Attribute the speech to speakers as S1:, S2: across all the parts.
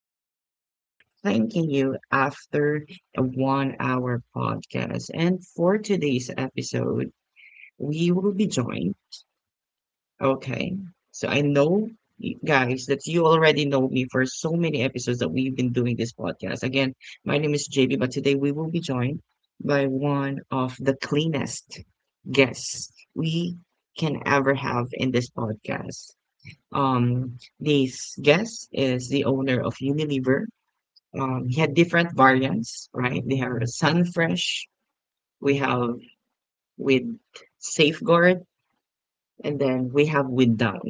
S1: just be thanking you after a 1 hour podcast. And for today's episode, we will be joined. Okay. So I know you guys that you already know me for so many episodes that we've been doing this podcast. Again, my name is JB, but today we will be joined by one of the cleanest guests we can ever have in this podcast. This guest is the owner of Unilever. He had different variants, right? They have Sunfresh, we have with Safeguard, and then we have without.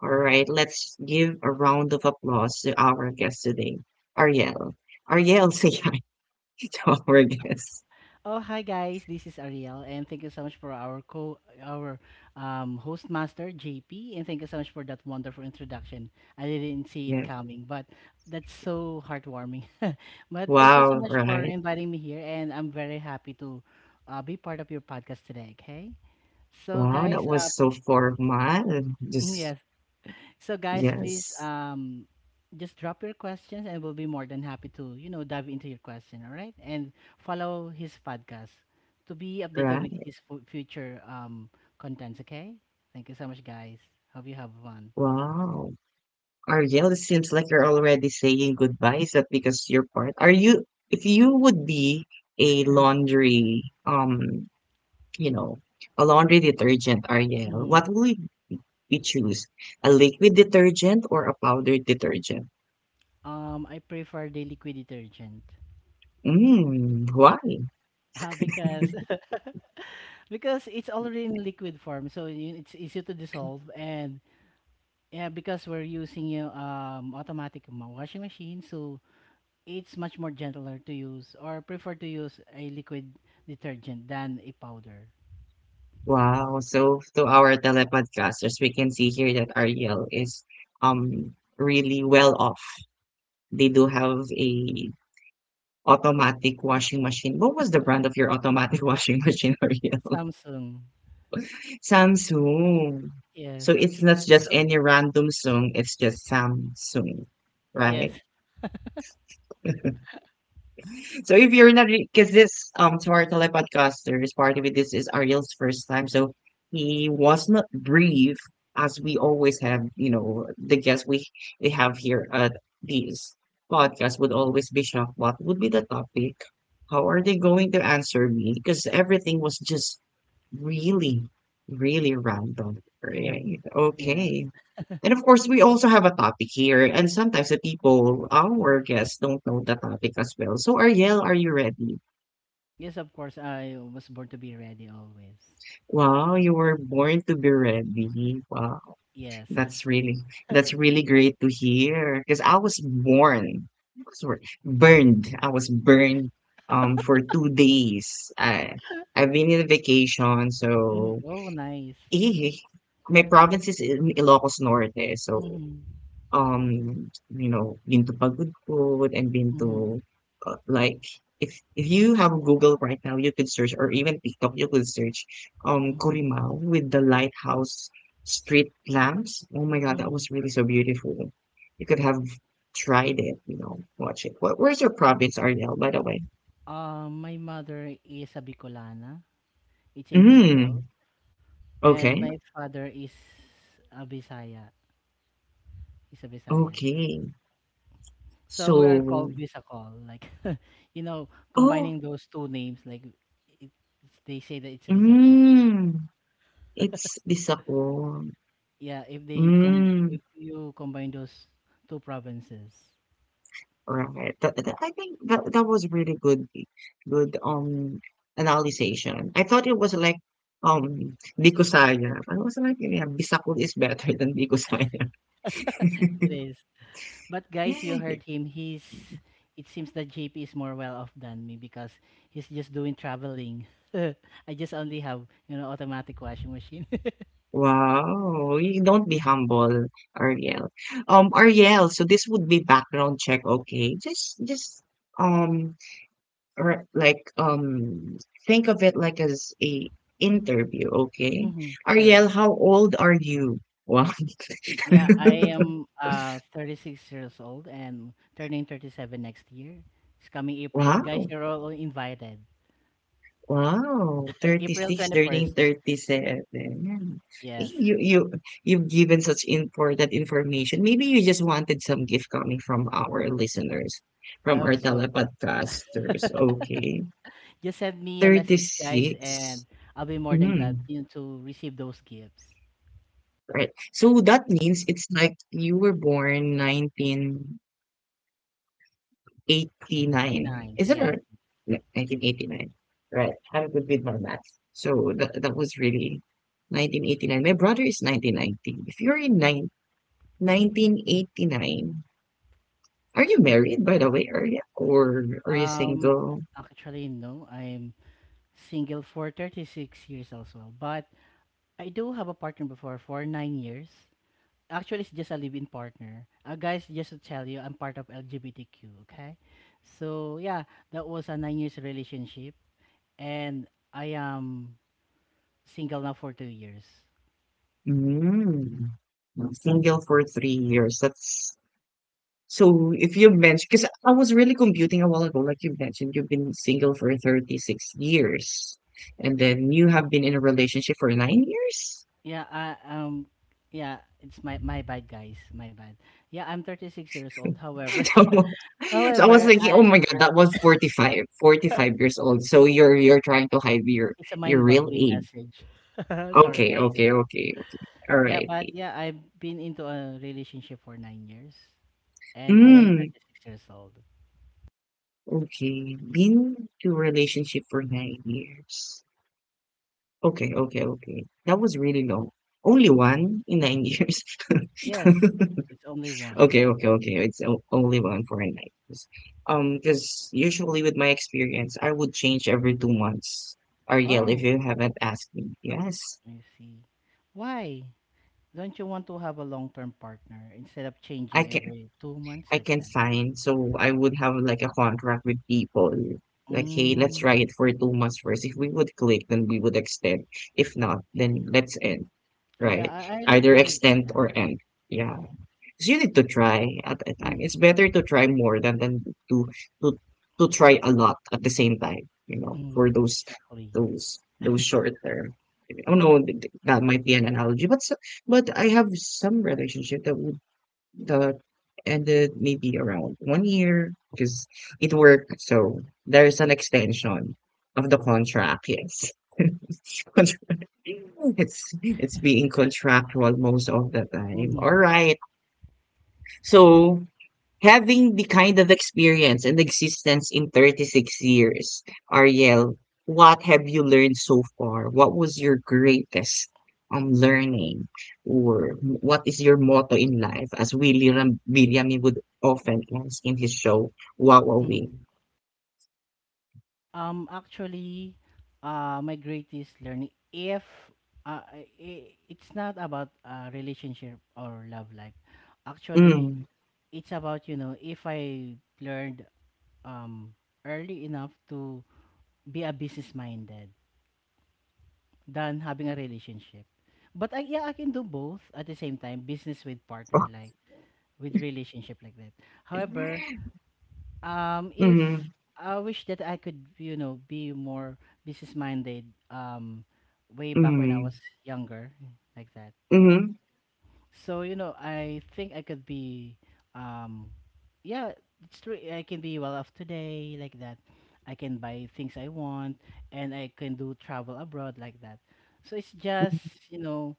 S1: All right, let's give a round of applause to our guest today, Ariel. Ariel, say hi to our guest.
S2: Oh, hi guys. This is Ariel, and thank you so much for our host master JP, and thank you so much for that wonderful introduction. I didn't see it
S1: Yeah.
S2: coming, but that's so heartwarming. But thank you so
S1: Wow,
S2: much for
S1: right.
S2: inviting me here, and I'm very happy to be part of your podcast today. Okay, so
S1: Wow, that
S2: guys,
S1: was so formal. Just,
S2: yes, so guys, please
S1: yes,
S2: just drop your questions, and we'll be more than happy to dive into your question, all right? And follow his podcast to be updated with
S1: right.
S2: his future contents, okay? Thank you so much guys. Hope you have fun.
S1: Wow. Ariel, it seems like you're already saying goodbye. Is that because you're part? Are you, if you would be a laundry, you know, a laundry detergent, Ariel,
S2: hmm
S1: what will we choose, a liquid detergent or a powder detergent?
S2: I prefer the liquid detergent.
S1: Mm, why?
S2: Because because it's already in liquid form, so it's easy to dissolve, and yeah, because we're using automatic washing machine, so it's much more gentler to use or prefer to use a liquid detergent than a powder.
S1: Wow. So to our telepodcasters, we can see here that Ariel is um really well off. They do have a automatic washing machine. What was the brand of your automatic washing machine, Ariel?
S2: Samsung.
S1: Samsung.
S2: Yes.
S1: So it's not just any random song, it's just Samsung, right?
S2: Yes.
S1: So if you're not, because this to our telepodcasters, part of it, this is Ariel's first time, so he was not brief as we always have, you know, the guests we have here at these podcasts would always be shocked. What would be the topic? How are they going to answer me? Because everything was just really, really random.
S2: Hmm.
S1: Right?
S2: Yes.
S1: Okay. And of course, we also have a topic here, and sometimes the people, our guests, don't know the topic as well. So, Ariel, are you ready?
S2: Yes, of course, I was born to be ready always.
S1: Wow, you were born to be ready. Wow,
S2: Yes.
S1: that's really, that's really great to hear. Because I was born, sorry, burned. I was burned for 2 days. I've been in a vacation,
S2: Mm,
S1: so
S2: oh, nice.
S1: eh, my
S2: But,
S1: province is in Ilocos Norte, so
S2: mm-hmm,
S1: you know, been to Pagod Food and been
S2: mm-hmm,
S1: to like, if you have Google right now, you could search or even TikTok, you could search
S2: mm-hmm,
S1: Corimao with the lighthouse street lamps. Oh my God, that
S2: mm-hmm.
S1: was really so beautiful. You could have tried it, you know, watch it. What, where's your province, Ariel, by the way?
S2: My mother is a Bicolana. It's in Bicol.
S1: Mm,
S2: And
S1: okay,
S2: my father is a Bisaya. Is a Bisaya.
S1: okay.
S2: So we are
S1: So,
S2: called Visacol, like
S1: oh,
S2: combining those two names, like it's- they say that it's Visacol.
S1: mm, it's Bicol.
S2: Yeah,
S1: Mm,
S2: if you combine those two provinces,
S1: right. That I think that that was really good, good analyzation. I thought it was like Bikusaya. I was like, yeah, Bisakul is better than Bikusaya.
S2: it is. But guys, you heard him. He's It seems that JP is more well off than me because he's just doing traveling. I just only have automatic washing machine.
S1: Wow, you don't be humble, Ariel. Ariel, so this would be background check, okay? Um, or like, um, think of it like as a interview, okay?
S2: Hmm. Sure.
S1: Ariel, how old are you? Wow.
S2: Yeah, I am 36 years old and turning 37 next year. It's coming April. Guys,
S1: Wow,
S2: you're all invited.
S1: wow,
S2: April
S1: 36
S2: 21st.
S1: turning 37. Eh,
S2: Yes,
S1: you you've given such important information. Maybe you just wanted some gift coming from our listeners,
S2: I
S1: from
S2: hope
S1: our
S2: so.
S1: telepodcasters. Okay.
S2: Just send me a message, guys,
S1: 36.
S2: and I'll be more than glad
S1: Mm,
S2: you know, to receive those gifts.
S1: right. So that means it's like you were born 19 89.
S2: 89.
S1: Isn't it?
S2: Yes.
S1: Right? Yeah, 1989. Right. I'm good with my math. So that, that was really 1989. My brother is 1990. If you're in nine 1989, are you married, by the way? Are you, or are you
S2: Um
S1: single?
S2: actually no, I'm single for 36 years as well, but I do have a partner before for 9 years. Actually, it's just a live-in partner. Guys, just to tell you, I'm part of LGBTQ. Okay, so yeah, that was a 9 years relationship, and I am single now for 2 years.
S1: Mm. Single for 3 years. That's, so if you mentioned, because I was really computing a while ago, like you mentioned, you've been single for 36 years, and then you have been in a relationship for 9 years?
S2: Yeah, I yeah, it's my bad, guys, my bad. Yeah, I'm 36 years old. However,
S1: So so I was
S2: however,
S1: thinking, "Oh
S2: I
S1: my god, that was 45, 45 years old." So you're trying to hide
S2: it's a
S1: your real
S2: mind-boggling
S1: age.
S2: message. Sorry,
S1: Okay,
S2: guys.
S1: okay, okay, okay.
S2: Yeah, but
S1: Alrighty.
S2: yeah, I've been into a relationship for 9 years, and I am
S1: Mm,
S2: 36 years old.
S1: okay. Been to relationship for 9 years. Okay, okay, okay. That was really long. Only one in 9 years.
S2: Yes, it's only one.
S1: Okay, okay, okay. It's only one for a night. 'Cause- because usually with my experience, I would change every 2 months. Ariel, if
S2: Oh,
S1: you haven't asked me, yes,
S2: I see. Why? Don't you want to have a long-term partner instead of
S1: I
S2: changing
S1: can.
S2: every two
S1: I
S2: months
S1: can
S2: like that?
S1: find. So I would have like a contract with people. Like, hey, let's
S2: Mm.
S1: try it for 2 months first. If we would click, then we would extend. If not, then let's end.
S2: Oh
S1: Right?
S2: yeah, I like
S1: Either
S2: the
S1: extend
S2: idea.
S1: or end. Yeah. 'Cause you need to try at a time.
S2: Mm.
S1: It's better to try more than to to to try a lot at the same time, you know, for
S2: Mm.
S1: those
S2: Exactly.
S1: those short term. I don't know, that might be an analogy, but so, but I have some relationship that would, that ended maybe around 1 year because it worked. So there's an extension of the contract. Yes, contract. It's being contractual most of the time. All
S2: Mm-hmm.
S1: right, so having the kind of experience and existence in 36 years, Ariel, what have you learned so far? What was your greatest learning? Or what is your motto in life? As Willie William would often ask in his show, what are we?
S2: Mm-hmm. Actually, my greatest learning, if I- I- it's not about relationship or love life, actually,
S1: Mm.
S2: it's about if I learned um early enough to be a business minded than having a relationship. But I, yeah, I can do both at the same time, business with partner,
S1: Oh.
S2: like with relationship like that. However,
S1: Mm,
S2: if I wish that I could, be more business minded, um, way
S1: mm,
S2: back when I
S1: mm,
S2: was younger, like that.
S1: mm.
S2: So, I think I could be, um, yeah, it's true. I can be well off today, like that. I can buy things I want, and I can do travel abroad like that. So it's just you know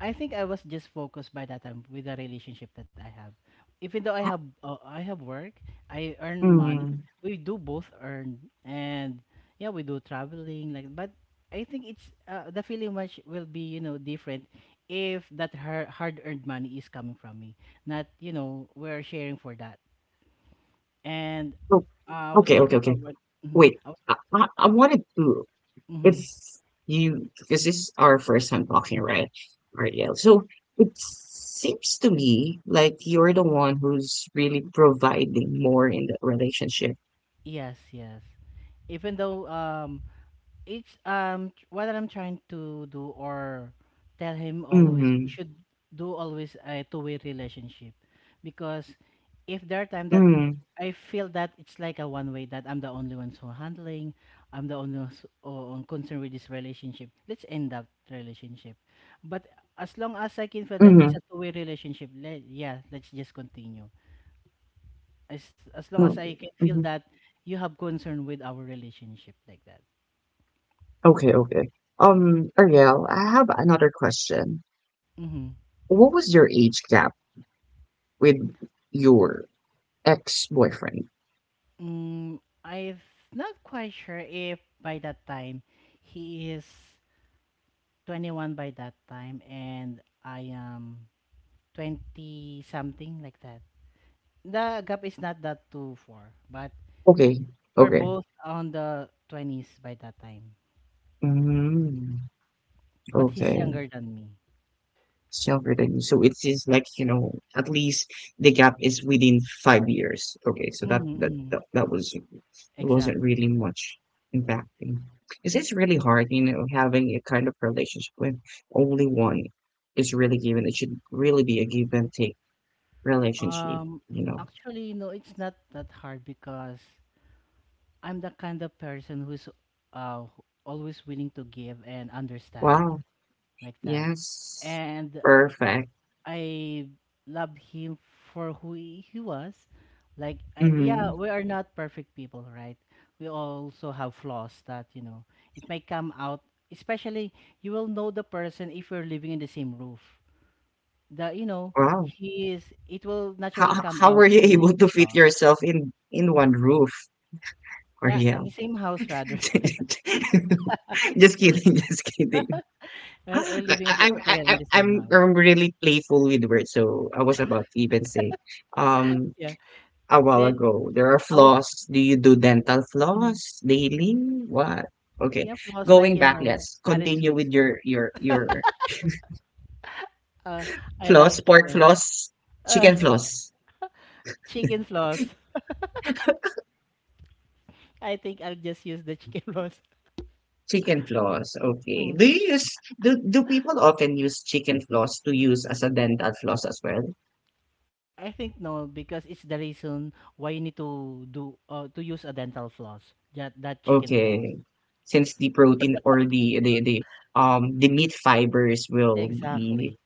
S2: I think I was just focused by that time with the relationship that I have. Even though I have work, I earn money.
S1: Mm.
S2: We do both earn, and yeah, we do traveling like. But I think it's the feeling much will be different if that her hard earned money is coming from me, not we're sharing for that. And
S1: Oh,
S2: I was
S1: okay, okay,
S2: looking
S1: okay.
S2: forward. mhm,
S1: Wait,
S2: I was,
S1: I wanted to. If
S2: mhm,
S1: you, because this is our first time talking, right, Ariel? So it seems to me like you're the one who's really providing more in that relationship.
S2: yes, yes. Even though what I'm trying to do or tell him always we
S1: Mm,
S2: should do always a two-way relationship, because if there are time that
S1: mm,
S2: I feel that it's like a one way that I'm the only one so handling I'm the only one so, on concerned with this relationship. Let's end that relationship, but as long as I can feel that it's
S1: mm,
S2: a two-way relationship, yeah, let's just continue, as long as
S1: mm,
S2: I can feel
S1: mm.
S2: that you have concern with our relationship, like that.
S1: Okay, okay. Ariel, I have another question.
S2: Mm-hmm.
S1: What was your age gap with your ex-boyfriend?
S2: Mm, I'm not quite sure if by that time he is 21 by that time and I am 20 something like that. The gap is not that too far, but
S1: Okay,
S2: we're
S1: okay.
S2: both on the 20s by that time.
S1: Mm,
S2: But he's
S1: okay.
S2: younger than me.
S1: Self-returning. So it is like, you know, at least the gap is within 5 years. Okay, so
S2: Mm-hmm, mm-hmm.
S1: that was wasn't really
S2: Exactly.
S1: much impacting. Because it's really hard, you know, having a kind of relationship with only one is really given. It should really be a give and take relationship,
S2: Um,
S1: you know.
S2: actually, no, it's not that hard because I'm the kind of person who's uh, always willing to give and understand.
S1: Wow.
S2: Like that.
S1: Yes.
S2: And
S1: Perfect.
S2: I love him for who he was. Like, yeah,
S1: Hmm.
S2: we are not perfect people, right? We also have flaws that, it may come out, especially you will know the person if you're living in the same roof. The, you know,
S1: Wow.
S2: he is, It will naturally come
S1: How
S2: out
S1: were you
S2: his
S1: able to fit
S2: flaws.
S1: yourself in one roof? Or
S2: Yeah, in
S1: yeah.
S2: the same house, rather.
S1: Just kidding, just kidding.
S2: We're
S1: Like,
S2: living together in
S1: I-
S2: the same house.
S1: I'm really playful with words, so I was about to even say, um,
S2: Yeah.
S1: a while
S2: Then
S1: ago, there are
S2: I was,
S1: floss. Do you do dental
S2: Mhm.
S1: floss daily? What? Okay,
S2: Yeah, flaws like,
S1: going back. Let's continue with
S2: attitudes. Like,
S1: your your
S2: Uh, I love,
S1: floss,
S2: you
S1: pork
S2: know,
S1: floss,
S2: uh,
S1: chicken floss.
S2: chicken floss. I think I'll just use the chicken floss.
S1: Chicken floss. Okay.
S2: Mm.
S1: Do you use, do people often use chicken floss to use as a dental floss as well?
S2: I think no, because it's the reason why you need to use a dental floss. That chicken floss.
S1: Okay. Since the protein or the meat fibers will be
S2: Exactly.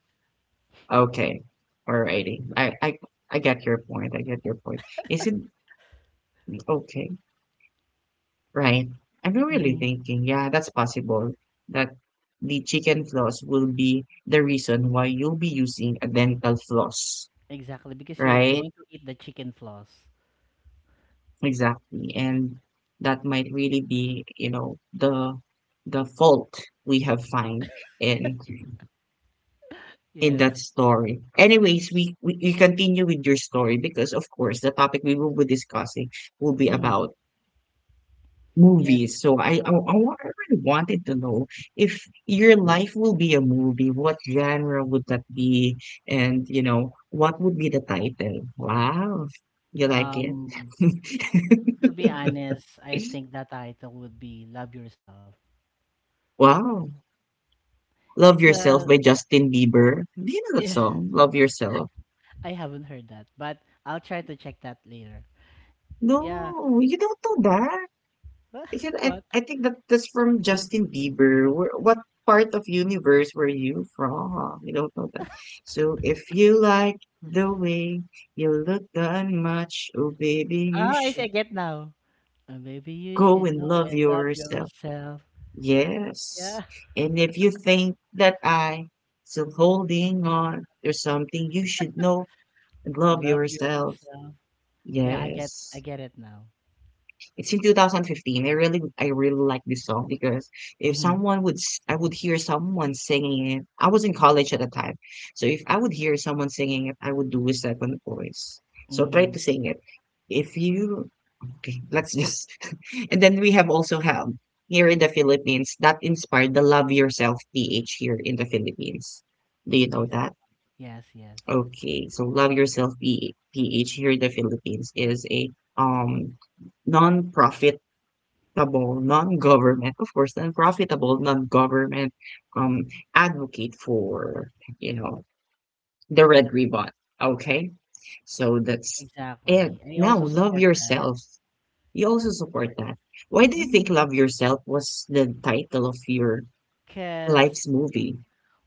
S1: okay. Alrighty. I get your point. I get your point. Is it okay? Right. I'm
S2: Hmm.
S1: really thinking, yeah, that's possible that the chicken floss will be the reason why you'll be using a dental floss,
S2: Exactly, because you're
S1: right?
S2: going to eat the chicken floss.
S1: Exactly. And that might really be, you know, the fault we have find in in
S2: Yes.
S1: that story. Anyways, we continue with your story because, of course, the topic we will be discussing will be
S2: Hmm.
S1: about
S2: Yes.
S1: movies. So, I really wanted to know, if your life will be a movie, what genre would that be? And, you know, what would be the title? Wow. You like it?
S2: Um, to be honest, I think that title would be "Love Yourself"
S1: Wow. Love Yourself
S2: because
S1: by Justin Bieber. Do you know that song? Love Yourself.
S2: I haven't heard that, but I'll try to check that later. Yeah.
S1: No, you don't know. Is it?
S2: What?
S1: I think that that's from Justin Bieber. Where, what part of universe were you from? You don't know that. So if you like the way you look that much, oh baby, you
S2: Ah, yes, I
S1: should
S2: get now. Maybe you
S1: go
S2: should
S1: and
S2: know
S1: love
S2: and love
S1: yourself.
S2: yourself. Yeah,
S1: Yes. And if you think that I still holding on, there's something you should know and love
S2: love
S1: yourself.
S2: yourself. Yeah, I get, I
S1: Yes.
S2: get it now.
S1: It's in 2015. I really like this song because if
S2: Mm-hmm.
S1: someone would, I would hear someone singing it. I was in college at the time, so if I would hear someone singing it, I would do a second voice. So try
S2: Mm-hmm.
S1: to sing it. If you, okay, let's just, and then we have also have here in the Philippines that inspired the Love Yourself PH here in the Philippines. Do you know that?
S2: Exactly. Yes, yes.
S1: Okay, so Love Yourself PH here in the Philippines is a um non-profit profitable non-government, of course, the profitable non-government um advocate for, you know, the red ribbon. Okay? So that's it.
S2: Exactly. I
S1: Now
S2: also
S1: love
S2: support that.
S1: yourself. You also support that. Why do you think
S2: Mm.
S1: Love Yourself was the title of your
S2: Cause,
S1: life's movie?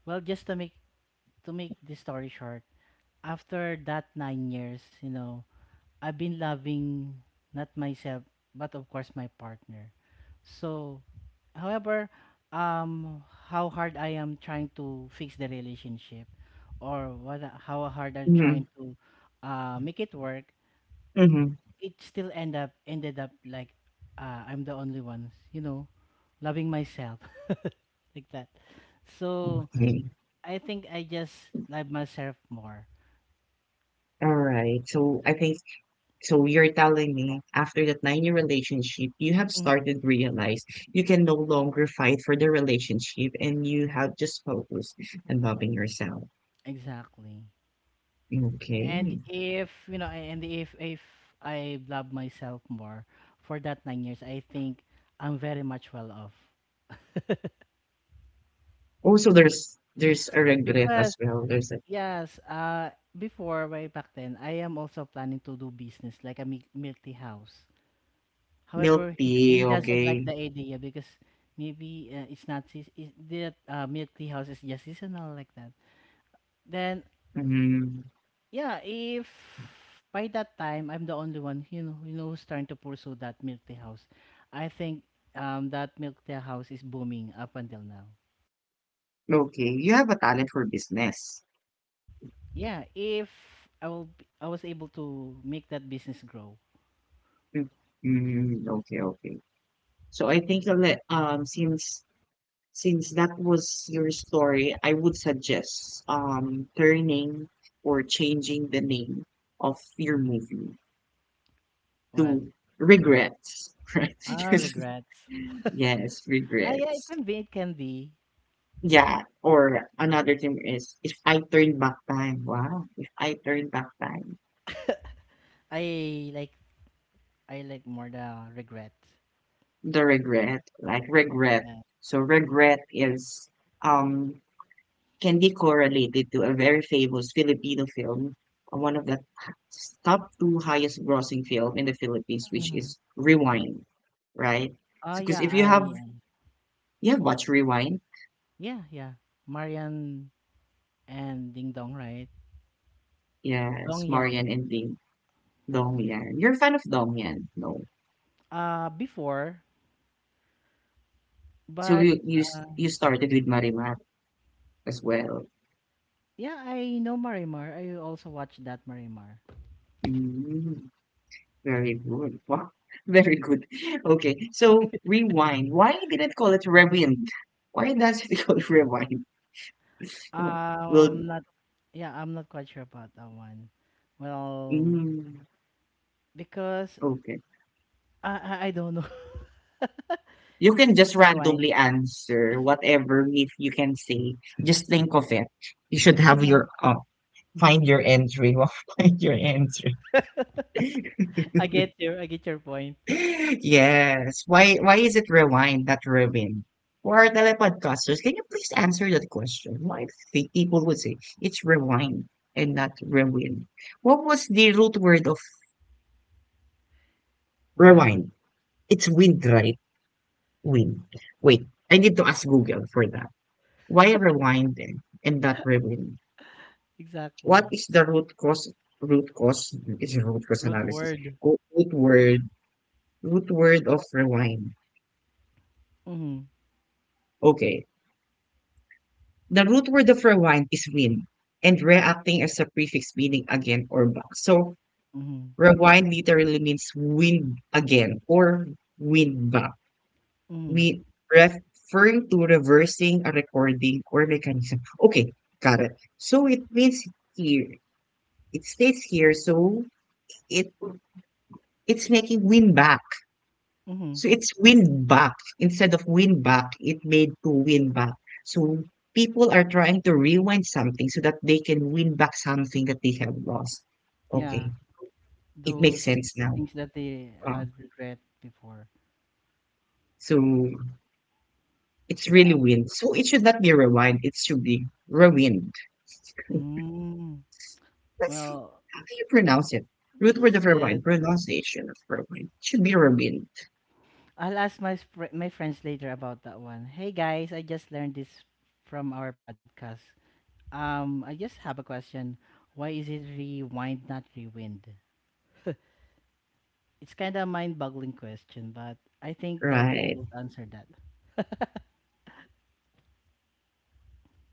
S2: well, just to make this story short, after that 9 years, I've been loving not myself, but of course my partner. So, however, um, how hard I am trying to fix the relationship, or what, how hard I'm
S1: Mm-hmm.
S2: trying to make it work,
S1: Mm-hmm.
S2: it still ended up like I'm the only one, loving myself like that. So
S1: Okay.
S2: I think I just love myself more.
S1: All right. So I think, so you're telling me after that 9 year relationship, you have
S2: Mhm.
S1: started to realize you can no longer fight for the relationship and you have just focused on loving yourself.
S2: Exactly. And
S1: Okay.
S2: if you know, and if I love myself more for that 9 years, I think I'm very much well off.
S1: Also, there's a regret
S2: Because
S1: as well. There's a
S2: yes, before way back then, I am also planning to do business like a multi house.
S1: milk
S2: However, he
S1: tea.
S2: doesn't like
S1: Okay.
S2: the idea because maybe it's not is that milk tea house is just seasonal like that. Then
S1: Mm,
S2: yeah, if by that time I'm the only one, who's trying to pursue that milk tea house. I think that milk tea house is booming up until now.
S1: okay. You have a talent for business.
S2: Yeah, if I was able to make that business grow.
S1: Mm, mm, okay. Okay. So I think I'll let- since that was your story, I would suggest turning or changing the name of your movie
S2: What?
S1: to Regrets, right?
S2: Ah,
S1: Because
S2: regrets.
S1: yes,
S2: Ah, yeah, it
S1: Regrets.
S2: can be, it can be.
S1: Yeah, or another thing is if I turn back time, wow, if I turn back time,
S2: I like I like more the regret.
S1: the regret, like regret.
S2: Yeah.
S1: So regret is um can be correlated to a very famous Filipino film, one of the top two highest grossing film in the Philippines, which
S2: Mhm.
S1: is Rewind, right?
S2: Oh yeah,
S1: Because if you have
S2: I
S1: you have watched Rewind,
S2: yeah, yeah. Marian and Ding Dong, right? Dong
S1: yes, Marian
S2: Yan.
S1: and Ding, Dong Yan. You're a fan of Dong Yan, no?
S2: Before
S1: So
S2: But
S1: you you s-
S2: uh,
S1: you started with Marimar as well.
S2: yeah, I know Marimar. I also watched that Marimar.
S1: Mm, very good. Wow, very good. Okay, so Rewind. Why did it call it Rewind? Why does it call it Rewind? Oh, Will.
S2: Not yeah, I'm not quite sure about that one. Well,
S1: Mm,
S2: because
S1: okay.
S2: I don't know.
S1: You
S2: It's
S1: can just
S2: just rewind.
S1: randomly answer whatever myth you can say. Just think of it. You should have your find your entry. Well, find your entry.
S2: I get your point.
S1: Yes. Why is it rewind, not rewind? For our telepodcasters, can you please answer that question? Why do you think people would say it's rewind and not rewind? What was the root word of
S2: What
S1: rewind? It's wind, right? Wind. Wait, I need to ask Google for that. Why rewind then and not rewind? What
S2: exactly?
S1: is the root cause? Root cause is a root cause
S2: Root
S1: analysis.
S2: word.
S1: Go- Root word, root word of rewind.
S2: Mhm.
S1: Okay. The root word of rewind is win and reacting as a prefix meaning again or back. So
S2: Mhm.
S1: rewind literally means win again or win back.
S2: Mhm.
S1: We referring to reversing a recording or mechanism. Okay, got it. So it means here. It states here, so it It's making win back.
S2: Mhm.
S1: So it's win back. Instead of win back, it made to win back. So people are trying to rewind something so that they can win back something that they have lost.
S2: Yeah,
S1: Okay, it makes
S2: those
S1: sense now.
S2: things that they
S1: Uh,
S2: had regret before.
S1: so it's really
S2: Yeah.
S1: win. So it should not be rewind. It should be rewind.
S2: Mm.
S1: That's
S2: Well,
S1: how do you pronounce it? Root word
S2: that's
S1: of rewind,
S2: good.
S1: pronunciation of rewind. Should be rewind,
S2: I'll ask my friends later about that one. Hey guys, I just learned this from our podcast. I just have a question. Why is it rewind not rewind? It's kind of mind-boggling question, but I think they'll be
S1: right?
S2: able to answer that.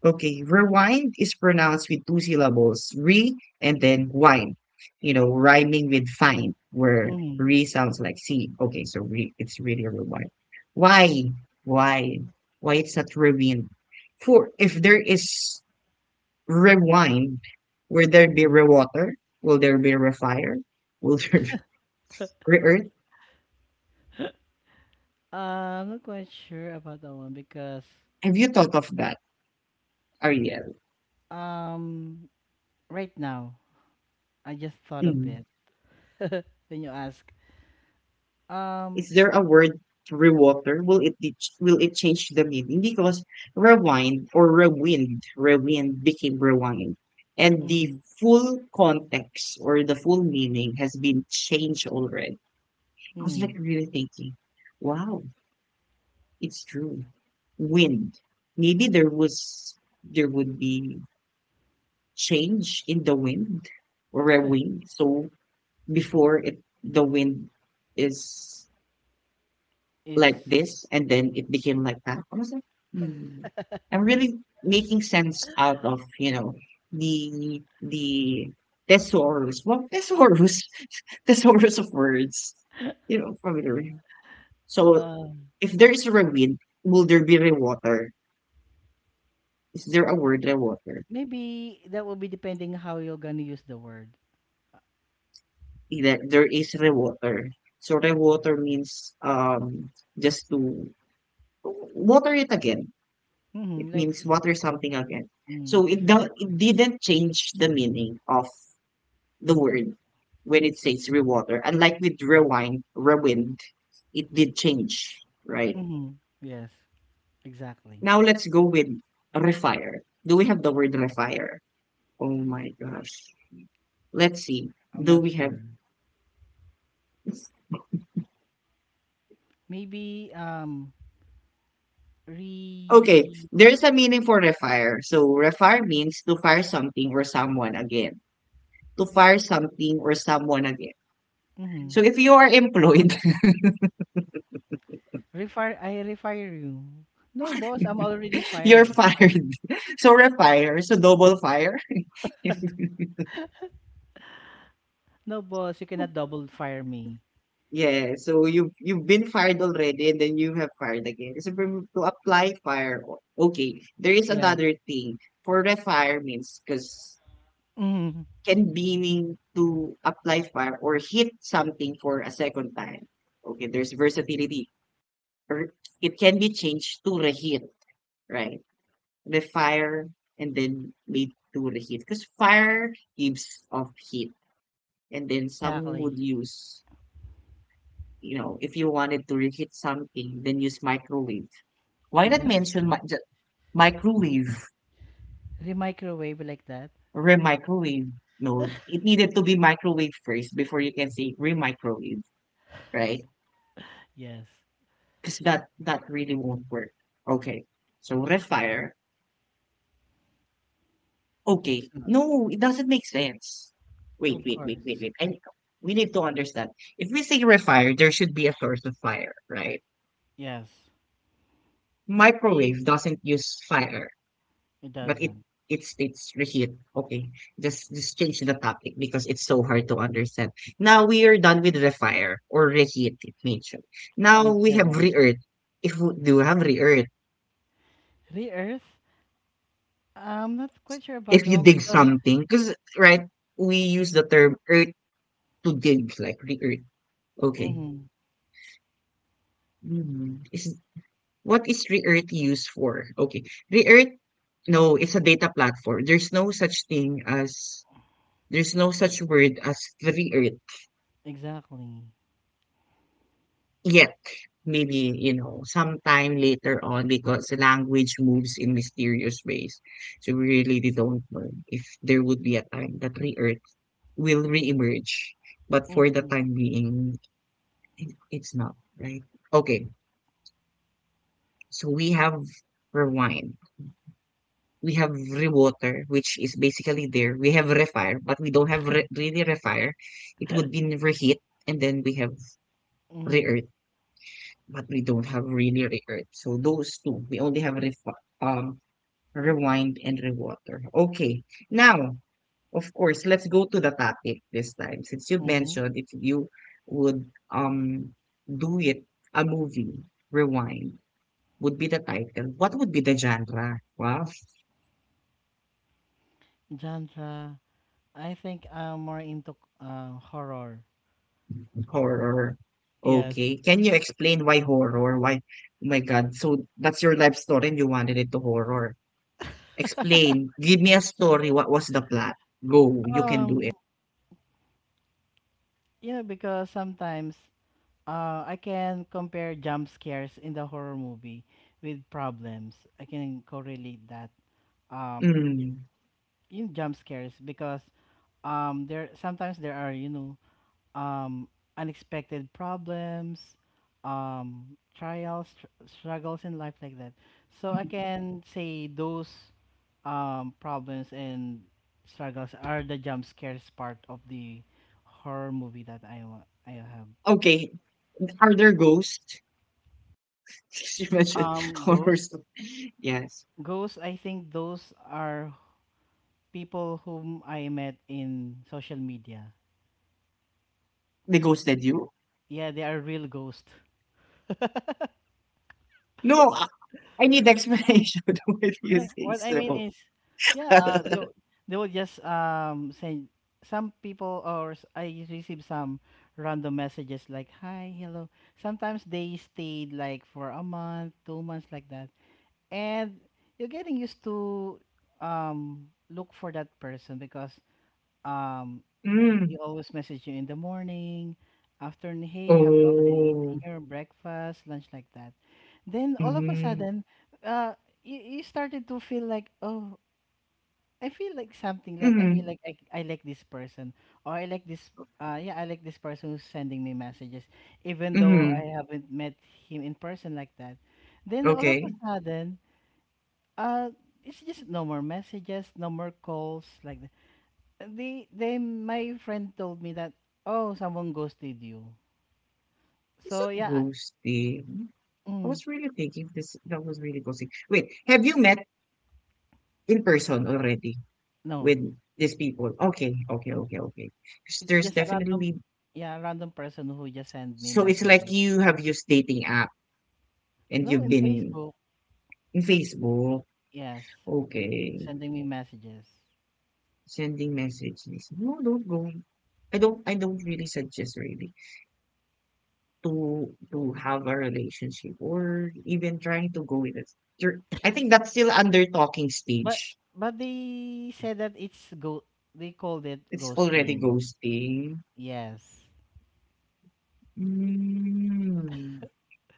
S1: Okay, rewind is pronounced with two syllables, re and then wine, you know, rhyming with fine, where
S2: Mm-hmm.
S1: re sounds like C. Okay, so re, it's really rewind. Why? Why? Why it's not rewind? For if there is rewind, will there be
S2: Mm-hmm.
S1: rewater? Will there be refire? Will there be re-earth?
S2: I'm not quite sure about that one because
S1: Have you thought of that, Ariel?
S2: um right now I just thought of
S1: Mm-hmm.
S2: it when you ask um
S1: Is there a word rewater? Will it change the meaning? Because rewind or rewind, rewind became rewind, and the
S2: mm-hmm,
S1: full context or the full meaning has been changed already. I was
S2: mm,
S1: like really thinking, wow, it's true. Wind. Maybe there would be change in the wind or a wind. So before it, the wind is
S2: is
S1: like this and then it became like that. I was like, hmm. I'm really making sense out of, you know, the thesaurus. Well thesaurus thesaurus of words. You know, familiar. So
S2: uh
S1: if there is rain, will there be rewater? Is there a word rewater?
S2: maybe that will be depending how you're gonna use the word.
S1: That there is rewater. So rewater means just to water it again.
S2: Mm-hmm.
S1: It
S2: Like,
S1: means water something again.
S2: mm,
S1: So it didn't change the meaning of the word when it says rewater. Unlike with rewind, rewind, it did change, right?
S2: mm-hmm. Yes, exactly.
S1: Now let's go with refire. Do we have the word refire? Oh my gosh. Let's see.
S2: I'm
S1: Do
S2: not
S1: we
S2: sure.
S1: have.
S2: Maybe
S1: Okay,
S2: re
S1: there's a meaning for refire. So refire means to fire something or someone again. To fire something or someone again.
S2: mm-hmm.
S1: So if you are employed.
S2: Refire. I refire you. No, boss. I'm already
S1: You're
S2: fired.
S1: fired. So refire. So double fire.
S2: No, boss. You cannot double fire me.
S1: Yeah. So you you've been fired already, and then you have fired again. So to apply fire, okay. There is
S2: Yes.
S1: another thing for refire means because
S2: Mm-hmm.
S1: can be mean to apply fire or hit something for a second time. Okay. There's versatility. Or it can be changed to reheat. Right. Refire and then made to reheat because fire gives off heat and then some
S2: Exactly.
S1: would use, you know, if you wanted to reheat something, then use microwave. Why not
S2: Exactly.
S1: mention microwave,
S2: Remicrowave like that.
S1: re-microwave? No, it needed to be microwave first before you can say re-microwave, right?
S2: Yes.
S1: Because that really won't work. Okay, so refire.
S2: It's
S1: Okay,
S2: not.
S1: no, it doesn't make sense. Wait,
S2: Of
S1: wait, wait, wait,
S2: course.
S1: wait. And we need to understand. If we say refire, there should be a source of fire, right?
S2: Yes. If
S1: Microwave doesn't use fire.
S2: it
S1: But
S2: doesn't.
S1: it's reheat. Okay. Just change the topic because it's so hard to understand. Now we are done with refire or reheat, it mentioned. Now
S2: And
S1: we have
S2: rewind.
S1: re-earth. If we do have re-earth,
S2: Re-earth? I'm not quite sure about
S1: if
S2: the
S1: you
S2: one
S1: dig
S2: because
S1: something, because right, we use the term earth to dig, like re-earth. Okay.
S2: mm-hmm,
S1: Hmm. Is what is re-earth used for? Okay. Re-earth, no, it's a data platform. There's no such thing as there's no such word as re-earth.
S2: exactly.
S1: Yet, maybe, you know, sometime later on because language moves in mysterious ways. So we really don't know if there would be a time that re-earth will reemerge. But for the
S2: Mm-hmm,
S1: time being, it's not, right? Okay, so we have rewind. We have rewater, which is basically there. We have refire, but we don't have really refire. It would be reheat, and then we have
S2: mm-hmm,
S1: re-earth, but we don't have really record. So those two, we only have um rewind and rewater. Okay, now of course, let's go to the topic this time. Since you
S2: mm-hmm.
S1: mentioned if you would do it a movie rewind would be the title. What would be the genre? Wow,
S2: Genre. I think I'm more into horror.
S1: horror.
S2: Yes.
S1: Okay, can you explain why horror? Why? Oh my God! So that's your life story, and you wanted it to horror. Explain. Give me a story. What was the plot? Go. You can do it.
S2: Um, because sometimes I can compare jump scares in the horror movie with problems. I can correlate that um
S1: Mm.
S2: in jump scares because there sometimes there are um, unexpected problems, trials, struggles in life like that. So I can say those problems and struggles are the jump scares part of the horror movie that I have.
S1: Okay. Are there ghosts? She mentioned horror
S2: Ghosts,
S1: story. Yes.
S2: ghosts. I think those are people whom I met in social media.
S1: They ghosted you?
S2: Yeah, they are real ghosts.
S1: No, I need explanation. Why do you
S2: No,
S1: say
S2: what I mean
S1: so?
S2: is, yeah, they will just send some people I receive some random messages like hi, hello. Sometimes they stayed like for a month, 2 months like that, and you're getting used to look for that person because um
S1: Mm.
S2: he always message you in the morning, afternoon, hey, have you already
S1: Oh.
S2: eaten your breakfast, lunch like that. Then all of a
S1: Mm-hmm.
S2: sudden, uh, you started to feel like, oh, I feel like something, like I feel
S1: Mm-hmm.
S2: like I like this person, or I like this, yeah, I like this person who's sending me messages, even though I
S1: Mm-hmm.
S2: haven't met him in person like that. Then all of a
S1: Okay.
S2: sudden, uh, it's just no more messages, no more calls, like they my friend told me that oh someone ghosted you,
S1: It's
S2: so
S1: not
S2: yeah.
S1: ghosting.
S2: I-
S1: I
S2: mm,
S1: was really thinking this that was really ghosting. Wait, have you met in person already?
S2: no,
S1: With these people. Okay, okay, okay, okay. 'Cause
S2: it's
S1: there's
S2: just a random,
S1: definitely
S2: yeah, a random person who just sent me
S1: so it's like
S2: messages.
S1: you have used dating app and
S2: No,
S1: you've
S2: in
S1: been
S2: Facebook.
S1: in Facebook.
S2: Yes,
S1: Okay,
S2: sending me messages.
S1: sending messages. No, don't go. I don't. I don't really suggest really to have a relationship or even trying to go with it. You're, I think that's still under talking
S2: but
S1: stage.
S2: but they said that it's go, they called it
S1: It's already
S2: ghosting.
S1: ghosting.
S2: Yes.
S1: Mm.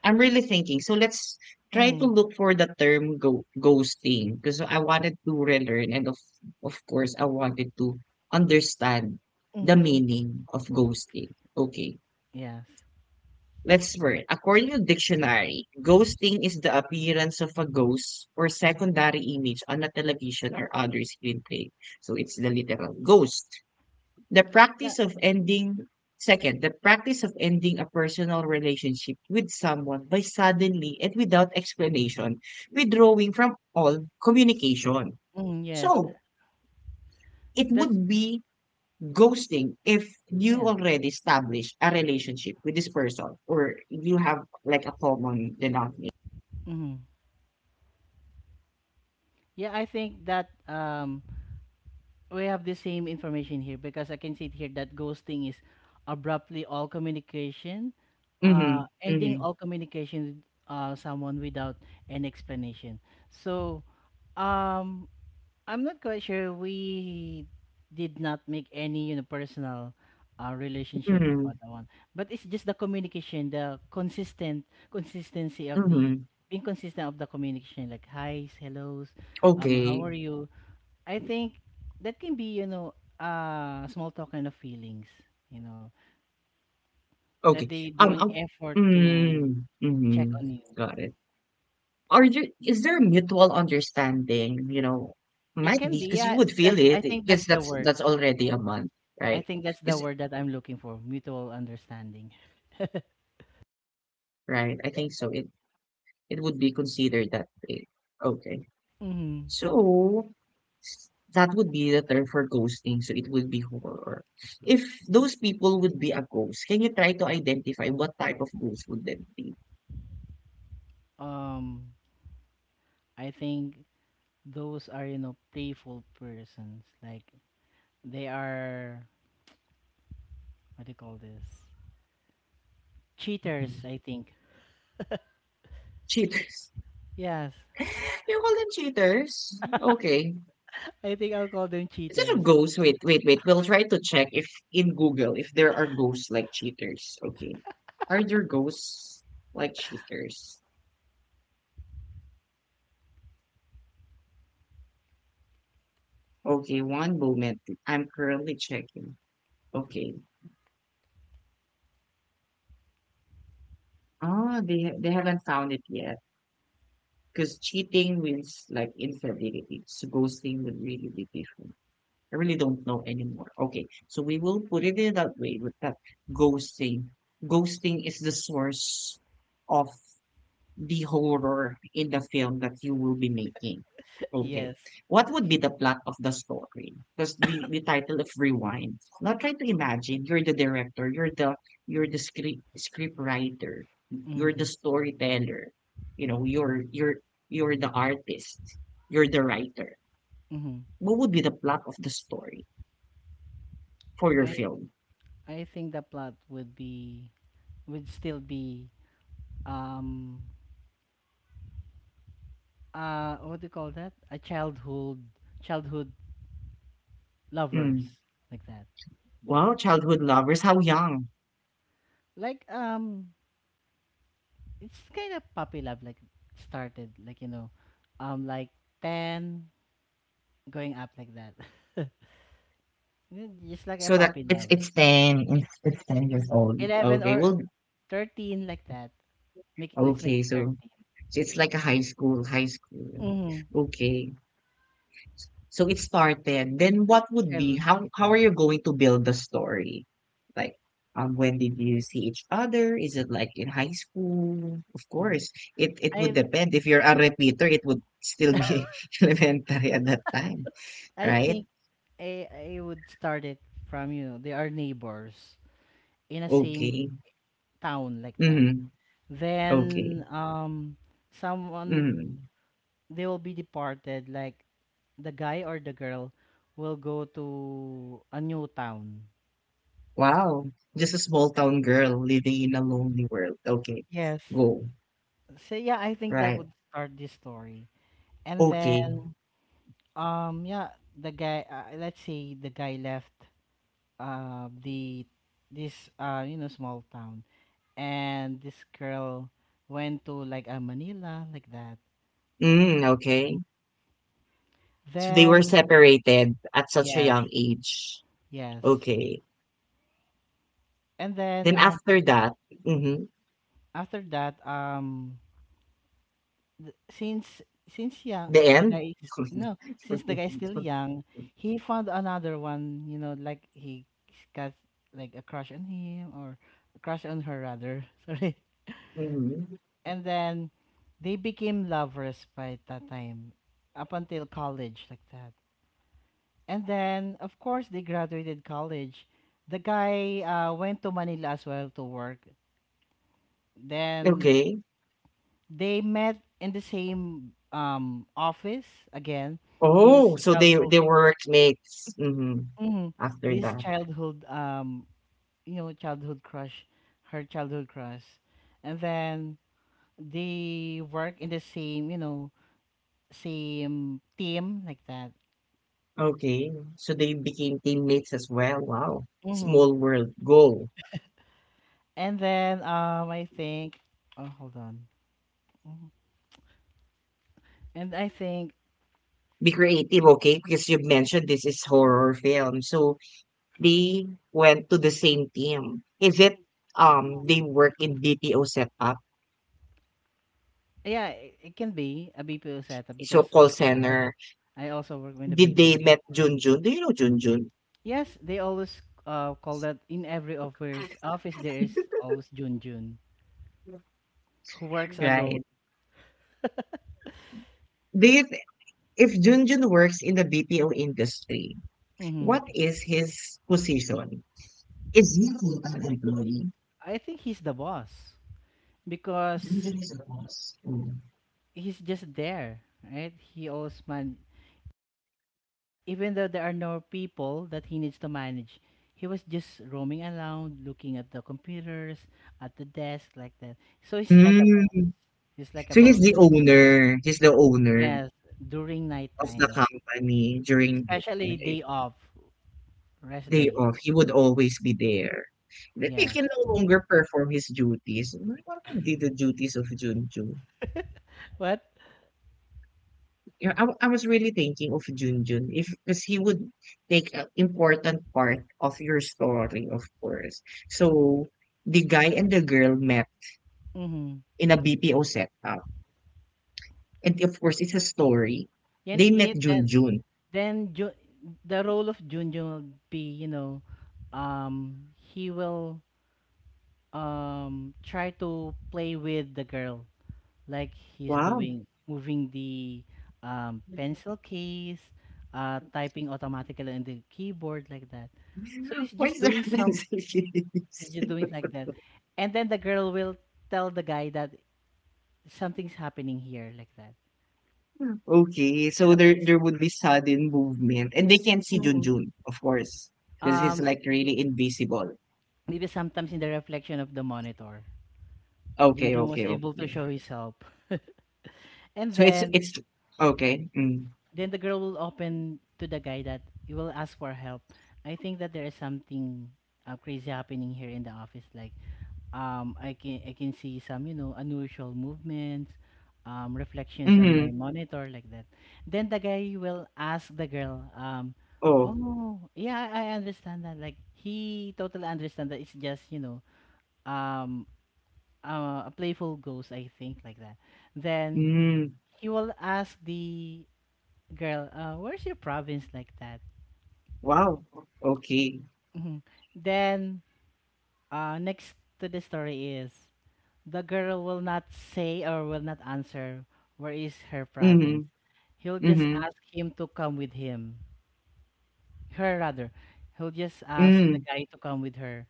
S1: I'm really thinking. So let's try to
S2: Mm,
S1: look for the term ghosting because I wanted to relearn and of course I wanted to understand the
S2: mm-hmm.
S1: meaning of ghosting. Okay.
S2: Yes.
S1: Let's learn. According to dictionary, ghosting is the appearance of a ghost or secondary image on a television or other screen play. So it's the literal ghost. The
S2: Yeah.
S1: practice of ending, second, the practice of ending a personal relationship with someone by suddenly and without explanation withdrawing from all communication.
S2: Mm, yes.
S1: So, it
S2: That's
S1: would be ghosting if you
S2: yes.
S1: already established a relationship with this person or you have like a common denominator.
S2: Mm-hmm. Yeah, I think that we have the same information here because I can see it here that ghosting is abruptly all communication,
S1: Mm-hmm.
S2: ending
S1: Mm-hmm.
S2: all communication with someone without an explanation. So, um, I'm not quite sure. We did not make any, you know, personal, relationship
S1: Mm-hmm.
S2: about that one, but it's just the communication, the consistent consistency of
S1: Mm-hmm.
S2: the being consistent of the communication, like highs, hellos, how
S1: Okay.
S2: are you? I think that can be, you know, small talk kind of feelings, you know, that
S1: Okay.
S2: they
S1: Um,
S2: doing
S1: um
S2: effort to
S1: mm,
S2: check
S1: mm-hmm.
S2: on you.
S1: Got it. Are you is there mutual understanding, you know?
S2: It
S1: Might
S2: can
S1: be
S2: be,
S1: because you
S2: yeah.
S1: would feel
S2: That's
S1: it
S2: I think
S1: because
S2: that's the
S1: that's
S2: word.
S1: that's already a month,
S2: I
S1: right?
S2: think that's the
S1: Is
S2: word that I'm looking for, mutual understanding.
S1: right? I think so. It would be considered that way. Okay.
S2: hmm
S1: So that would be the term for ghosting. So it would be horror. If those people would be a ghost, can you try to identify what type of ghost would that be?
S2: Um, I think those are, you know, playful persons. Like they are what do you call this? Cheaters, I think.
S1: Cheaters.
S2: Yes.
S1: You call them cheaters? Okay.
S2: I think I'll call them
S1: Is it a
S2: cheaters.
S1: ghost? Wait, wait, wait. We'll try to check if in Google if there are ghosts like cheaters. Okay. Are there ghosts like cheaters? Okay, one moment. I'm currently checking. Okay. Ah, they haven't found it yet. Because cheating means like infidelity. So ghosting would really be different. I really don't know anymore. Okay, so we will put it in that way with that ghosting. Ghosting is the source of the horror in the film that you will be making. Okay.
S2: Yes.
S1: What would be the plot of the story? Because the title of Rewind. Now try to imagine you're the director, you're the script writer, you're the
S2: Mm-hmm.
S1: storyteller, you know, you're you're the artist, you're the writer.
S2: Mm-hmm.
S1: What would be the plot of the story for your film?
S2: I think the plot would be, would still be, um what do you call that? A childhood, childhood lovers
S1: Mm.
S2: like that.
S1: Wow, childhood lovers, how young?
S2: Like it's kind of puppy love like started like you know like 10 going up like that. Yeah, just like a
S1: So that
S2: puppy
S1: it's
S2: love.
S1: it's 10, it's 10 years old.
S2: 11
S1: Okay,
S2: or
S1: well,
S2: 13 like that. Let's make
S1: okay,
S2: it
S1: so.
S2: 13.
S1: So it's like a high school, high school.
S2: Mm-hmm.
S1: Okay. So it started. Then
S2: Like
S1: what would be
S2: childhood
S1: how are
S2: sweetheart.
S1: you going to build the story? Like when did you see each other? Is it like in high school? Of
S2: Mm.
S1: course. It would
S2: I
S1: depend. If you're a repeater, it would still be elementary at that time,
S2: I
S1: right?
S2: think I would start it from you know they are neighbors in a same
S1: Okay.
S2: town like that.
S1: Mm-hmm. Okay.
S2: Then someone,
S1: Mm-hmm.
S2: they will be departed like the guy or the girl will go to a new town.
S1: Wow. Just a small town girl living in a lonely world. Okay.
S2: Yes.
S1: Go.
S2: So yeah, I think that
S1: Right.
S2: would start this story. And then
S1: Okay.
S2: yeah, the guy, let's say the guy left the this, you know, small town, and this girl went to like, Manila like that.
S1: Mm,
S2: Mhm.
S1: okay. So they were
S2: Then
S1: separated at such a
S2: yes,
S1: young age.
S2: yes.
S1: Okay.
S2: And then
S1: Then after that, mhm,
S2: after that, th- since since young
S1: the
S2: the
S1: end?
S2: guy is no, since the guy is still young, he found another one, you know, like he got like a crush on him, or a crush on her rather, sorry,
S1: Mhm.
S2: and then they became lovers by that time up until college like that. And then, of course, they graduated college. The guy, went to Manila as well to work. Then
S1: Okay.
S2: they met in the same, office again.
S1: Oh,
S2: This
S1: so they
S2: childhood,
S1: were workmates. Mhm,
S2: Mhm.
S1: after
S2: this
S1: that.
S2: childhood, you know, childhood crush, her childhood crush. And then they work in the same, you know, same team like that.
S1: Okay. So they became teammates as well. Wow.
S2: Hmm.
S1: Small world. Go.
S2: And then I think, oh, hold on. Mhm. And I think
S1: Be creative, okay? Because you mentioned this is horror film. So they went to the same team. Is it they work in BPO setup?
S2: yeah, it can be a BPO setup
S1: So,
S2: because
S1: call center.
S2: I also work with the
S1: Did
S2: BPO.
S1: they met Junjun? Do you know Junjun?
S2: Yes, they always, call that in every office. Office there is always Jun Jun who works alone.
S1: Right. Do you th- if Junjun works in the BPO industry, what
S2: Hmm.
S1: is his position? Is he a an employee?
S2: I think he's the boss because
S1: Junjun is a boss. Mm.
S2: he's just there, right? He always man. Even though there are no people that he needs to manage, he was just roaming around, looking at the computers, at the desk like that. So he's like a boss.
S1: Mm.
S2: He's like a
S1: So he's
S2: boss.
S1: the owner. He's the owner
S2: Yes, during
S1: of the
S2: nighttime,
S1: company during
S2: especially
S1: the
S2: day off, rest
S1: day
S2: days.
S1: off. He would always be there. Then he
S2: Yes.
S1: can no longer perform his duties. What would be the duties of Junjun?
S2: What?
S1: Yeah, I, I was really thinking of Junjun if because he would take an important part of your story, of course. So the guy and the girl met
S2: Mm-hmm.
S1: in a BPO setup, and of course, it's a story.
S2: Yan
S1: They met
S2: it then
S1: Junjun.
S2: then the role of Junjun will be, you know, he will try to play with the girl like he's
S1: Wow.
S2: doing moving the pencil case, typing automatically on the keyboard like that. So he's just doing some,
S1: Coincidence.
S2: so you're doing like that. And then the girl will tell the guy that something's happening here, like that.
S1: Okay, so there
S2: Something's
S1: there would be sudden movement, and they can't see
S2: Mhm.
S1: Junjun, of course, because he's
S2: um
S1: like really invisible.
S2: maybe sometimes in the reflection of the monitor.
S1: Okay,
S2: Junjun was
S1: okay,
S2: able to
S1: okay.
S2: show his help. And
S1: So it's
S2: then
S1: it's okay. Mm.
S2: then the girl will open to the guy that he will ask for help. I think that there is something, crazy happening here in the office. Like I can see some, you know, unusual movements, reflections on my
S1: Mhm.
S2: monitor like that. Then the guy will ask the girl,
S1: Oh.
S2: "Oh, yeah, I understand that." Like he totally understand that it's just, you know, um, a playful ghost, I think, like that. Then
S1: Mm.
S2: he will ask the girl, "Where's your province?" like that.
S1: Wow. Okay.
S2: Mhm. Then, next to the story is. The girl will not say or will not answer where is her
S1: Mhm.
S2: province. He'll just
S1: Mhm.
S2: ask him to come with him. Her rather. He'll just ask the
S1: Mm.
S2: guy to come with her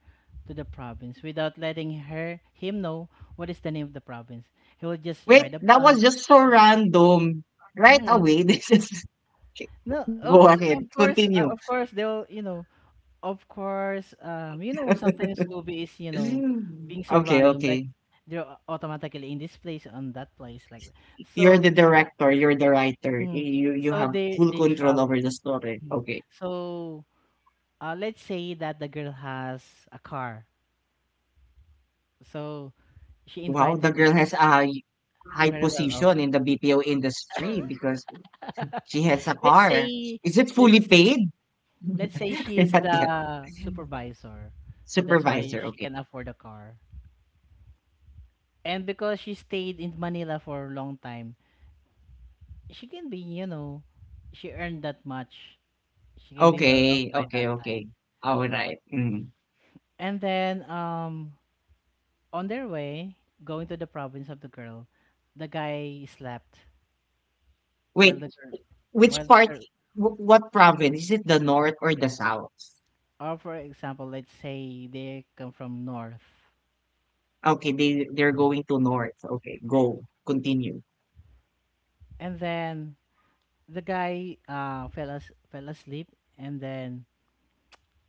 S2: to the province without letting her him know what is the name of the province. He will just
S1: Wait,
S2: ride a
S1: that
S2: bus.
S1: was just so random. Right
S2: Mm.
S1: away, this is. Okay.
S2: No,
S1: Go
S2: oh,
S1: ahead. Continue.
S2: of course they'll, you know, of course, you know, sometimes movie is, you know, being so
S1: Okay,
S2: random, like
S1: okay.
S2: they're automatically in this place on that place, like that.
S1: You're
S2: So
S1: the
S2: yeah,
S1: director, you're the writer.
S2: Mhm.
S1: You
S2: So
S1: have full
S2: they
S1: control
S2: travel.
S1: over the story.
S2: Mm.
S1: Okay.
S2: So, let's say that the girl has a car. So she
S1: Wow, the
S2: invited the
S1: girl has a high
S2: very well off.
S1: position in the BPO industry because she has a
S2: let's
S1: car.
S2: say
S1: Is it fully
S2: let's
S1: paid?
S2: let's say she is
S1: Not yet.
S2: the supervisor. So that's why
S1: Supervisor,
S2: she
S1: okay.
S2: can afford a car. And because she stayed in Manila for a long time, she can be, you know, she earned that much. She can be well off
S1: Okay,
S2: by
S1: okay,
S2: that
S1: okay.
S2: time.
S1: Alright, mm.
S2: And then on their way going to the province of the girl, the guy slept while
S1: Wait,
S2: the girl,
S1: which
S2: while the
S1: part
S2: girl,
S1: wh what province? Is it the north or the south?
S2: or for example, let's say they come from north,
S1: Okay, they're going to north. Okay, go. Continue.
S2: and then the guy fell asleep, and then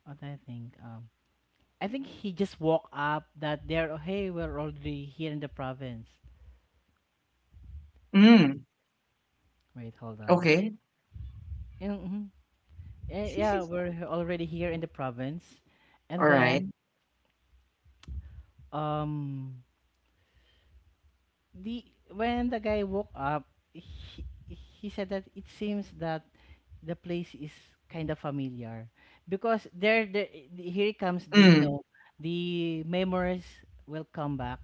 S2: what I think, I think he just woke up that they're oh, hey, we're already here in the province.
S1: Mm,
S2: Wait, hold on.
S1: okay.
S2: Yeah, Mm-hmm. Yeah, mhm. Eh, yeah, we're already here in the province, and
S1: Alright.
S2: then um the when the guy woke up, he said that it seems that the place is kind of familiar because there the here comes the you
S1: Mm,
S2: know the memories will come back,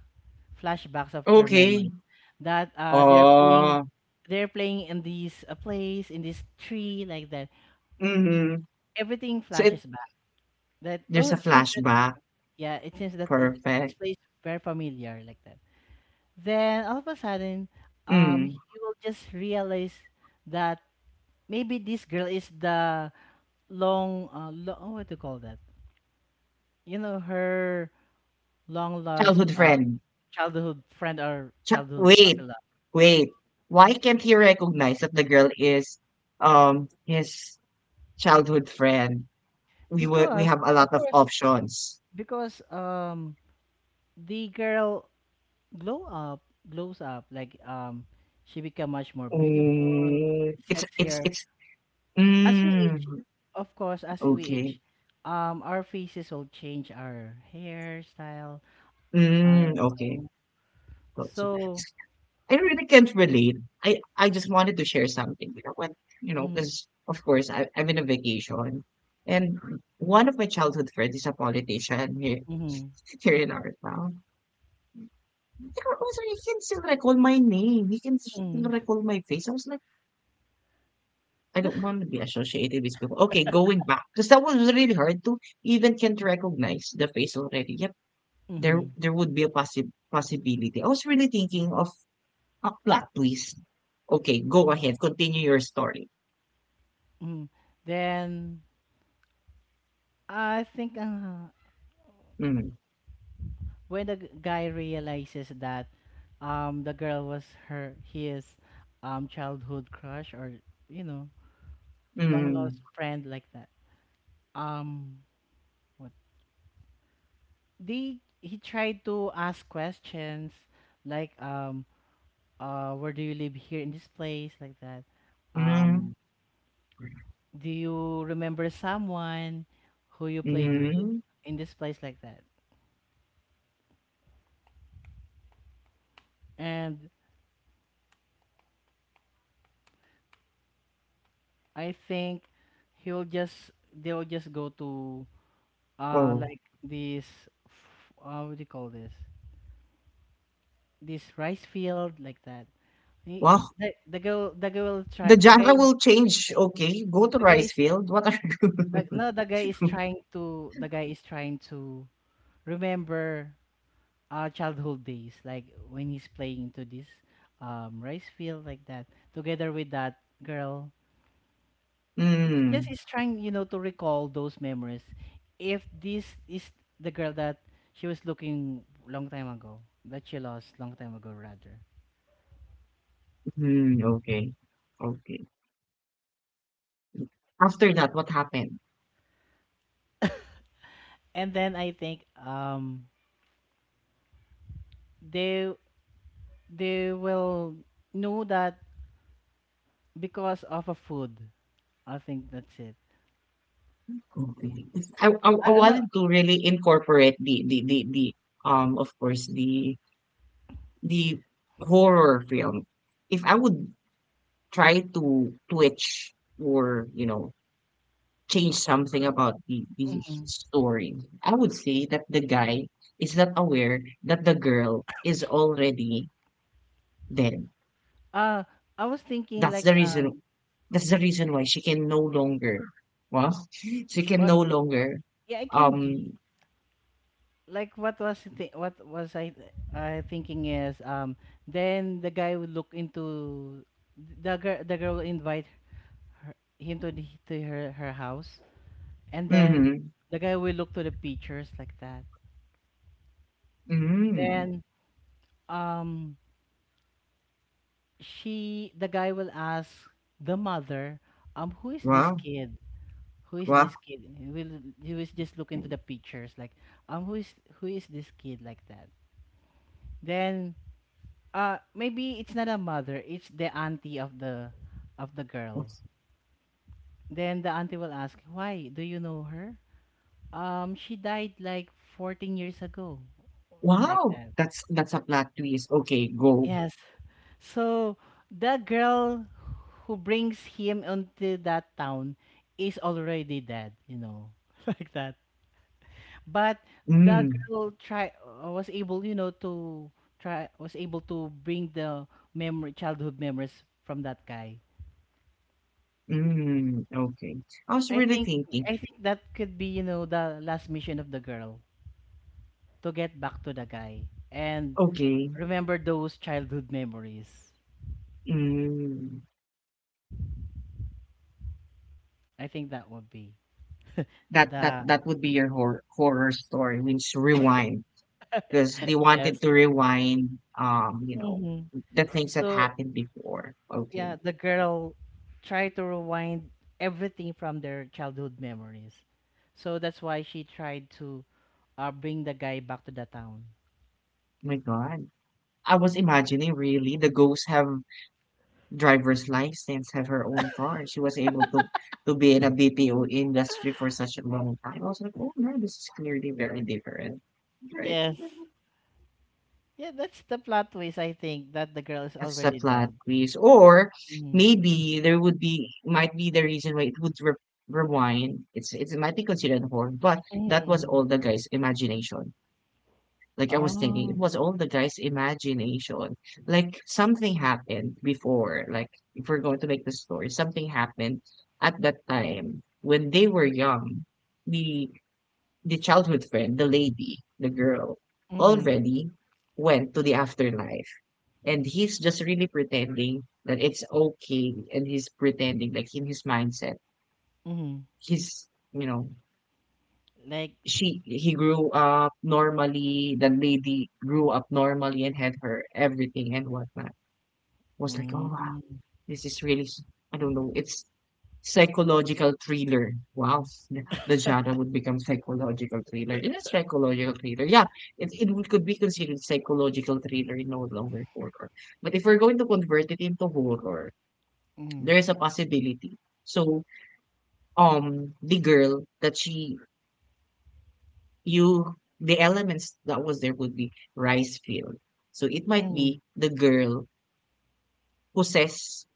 S2: flashbacks of her
S1: okay.
S2: memories that they're playing,
S1: Oh,
S2: they're playing in this, place in this tree like that.
S1: mhm.
S2: Everything
S1: So it
S2: flashes back. That oh
S1: There's a
S2: it seems that
S1: flashback.
S2: yeah it seems that it, this
S1: Perfect.
S2: place very familiar like that. Then all of a sudden, he
S1: Mm.
S2: will just realize that maybe this girl is the long, oh, what do you call that? You know, her long lost,
S1: Childhood friend.
S2: childhood friend or
S1: Ch
S2: childhood puppy
S1: Wait,
S2: love.
S1: wait. Why can't he recognize that the girl is his childhood friend, we
S2: Because,
S1: have a
S2: of
S1: lot of
S2: course,
S1: options.
S2: because the girl glow up, glows up, like she become much more beautiful,
S1: Mm. It's
S2: sexier.
S1: it's
S2: As we
S1: mm,
S2: age, of course, as we
S1: okay.
S2: age, our faces will change, our hairstyle, our
S1: Mm, okay.
S2: um,
S1: Got you.
S2: so.
S1: I really can't relate. I just wanted to share something, you know, when
S2: Mm,
S1: because of course I'm in a vacation, and one of my childhood friends is a politician
S2: mm,
S1: here in our town. He can still recall my name. He can still
S2: mm,
S1: recall my face. I was like, I don't want to be associated with people. Okay, going back because that one was really hard to even can't recognize the face already. Yep, there
S2: mm,
S1: would be a possibility. I was really thinking of a plot twist. Okay, go ahead, continue your story.
S2: mm. Then I think,
S1: Mm,
S2: when the guy realizes that, the girl was her his, childhood crush or you know long
S1: mm,
S2: lost friend like that. Um, what they he tried to ask questions like where do you live here in this place, like that. Um,
S1: mm,
S2: do you remember someone who you played with
S1: mm.
S2: in this place, like that? And I think he'll just they'll just go to,
S1: Oh,
S2: like this what do you call this, this rice field like that. He-
S1: wow.
S2: the girl try
S1: The
S2: The guy,
S1: genre will change. Okay, go to
S2: the guy
S1: rice
S2: is
S1: field. What are
S2: the,
S1: you?
S2: no the guy is trying to, the guy is trying to remember, childhood days, like when he's playing to this, rice field like that, together with that girl. It's just
S1: Mm,
S2: he's trying, you know, to recall those memories. If this is the girl that she was looking long time ago, that she lost long time ago, rather.
S1: mm, okay, okay. After that, what happened?
S2: And then I think they they will know that because of a food. I think that's it.
S1: Okay. 'Cause I I
S2: I know.
S1: wanted to really incorporate the of course the horror film. If I would try to twitch or you know change something about the
S2: Mhm.
S1: story, I would say that the guy is not aware that the girl is already dead.
S2: Uh, I was thinking
S1: That's
S2: like
S1: the reason. That's the reason why she can no longer. Well, she can
S2: uh,
S1: no longer.
S2: yeah, it can be.
S1: Um.
S2: Like what was the thi- what was I th- I thinking is then the guy would look into the girl will invite him to to her house and then
S1: Mm-hmm.
S2: the guy will look to the pictures like that.
S1: Mm-hmm.
S2: Then um she the guy will ask the mother, um, who is this
S1: Wow.
S2: kid, who is
S1: Wow.
S2: this kid. He will, he will just look into the pictures like, um, who is, who is this kid, like that. Then uh, maybe it's not a mother, it's the auntie of the girl. Then the auntie will ask, why do you know her? Um, she died like 14 years ago, like
S1: Wow,
S2: that.
S1: that's a plot twist. Okay, go.
S2: Yes, so the girl who brings him into that town is already dead, you know, like that. But the
S1: Mm,
S2: girl try was able, you know, to try was able to bring the memory childhood memories from that guy.
S1: mm, okay. I was
S2: I
S1: really
S2: think,
S1: thinking,
S2: I think that could be, you know, the last mission of the girl to get back to the guy and
S1: okay,
S2: remember those childhood memories.
S1: mm,
S2: I think that would be the
S1: that would be your horror story, means rewind, because they
S2: yes.
S1: wanted to rewind, you know,
S2: Hmm.
S1: the things that
S2: So
S1: happened before. Okay,
S2: yeah, the girl tried to rewind everything from their childhood memories. So that's why she tried to bring the guy back to the town.
S1: my God, I was imagining really the ghosts have driver's license, have her own car. She was able to be in a BPO industry for such a long time. I was like, oh no, this is clearly very different. Right.
S2: Yes. Yeah, that's the plot twist. I think that the girl is
S1: That's a
S2: already
S1: plot
S2: dead.
S1: twist. Or
S2: Mm-hmm.
S1: maybe there would be might be the reason why it would rewind. It might be considered horror, but that was
S2: Mm-hmm.
S1: all the guy's imagination. Like I was thinking,
S2: Oh.
S1: it was all the guy's imagination. Like something happened before. Like if we're going to make the story, something happened at that time when they were young. The the childhood friend, the lady, the girl,
S2: Mhm,
S1: already went to the afterlife, and he's just really pretending that it's okay, and he's pretending like in his mindset,
S2: mhm.
S1: he's you know
S2: Like,
S1: she he grew up normally, the lady grew up normally and had her everything and whatnot. Was like, oh wow,
S2: mm,
S1: this is really I don't know, it's psychological thriller. Wow, the genre would become psychological thriller. It is psychological thriller. Yeah, it would, could be considered psychological thriller, no longer horror. But if we're going to convert it into horror,
S2: mhm,
S1: there is a possibility. So the girl that she you the elements that was there would be rice field. So it might
S2: mhm,
S1: be the girl possess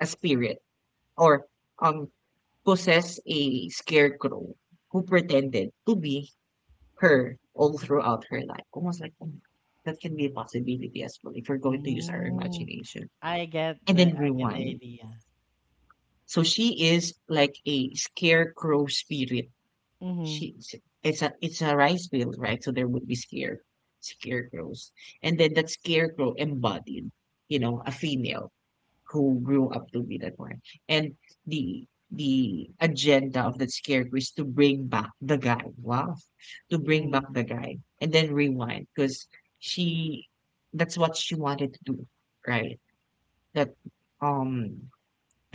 S1: a spirit or um possess a scarecrow who pretended to be her all throughout her life. Almost like oh, that can be a possibility as well if you're going to use our
S2: mm.
S1: imagination. And then
S2: I get the
S1: rewind.
S2: idea.
S1: So she is like a scarecrow spirit
S2: Mhm,
S1: she it's a rice field, right? So there would be scarecrows. And then that scarecrow embodied, you know, a female who grew up to be that one. And the agenda of that scarecrow is to bring back the guy. Wow. To bring
S2: mhm.
S1: back the guy and then rewind because she that's what she wanted to do, right? That um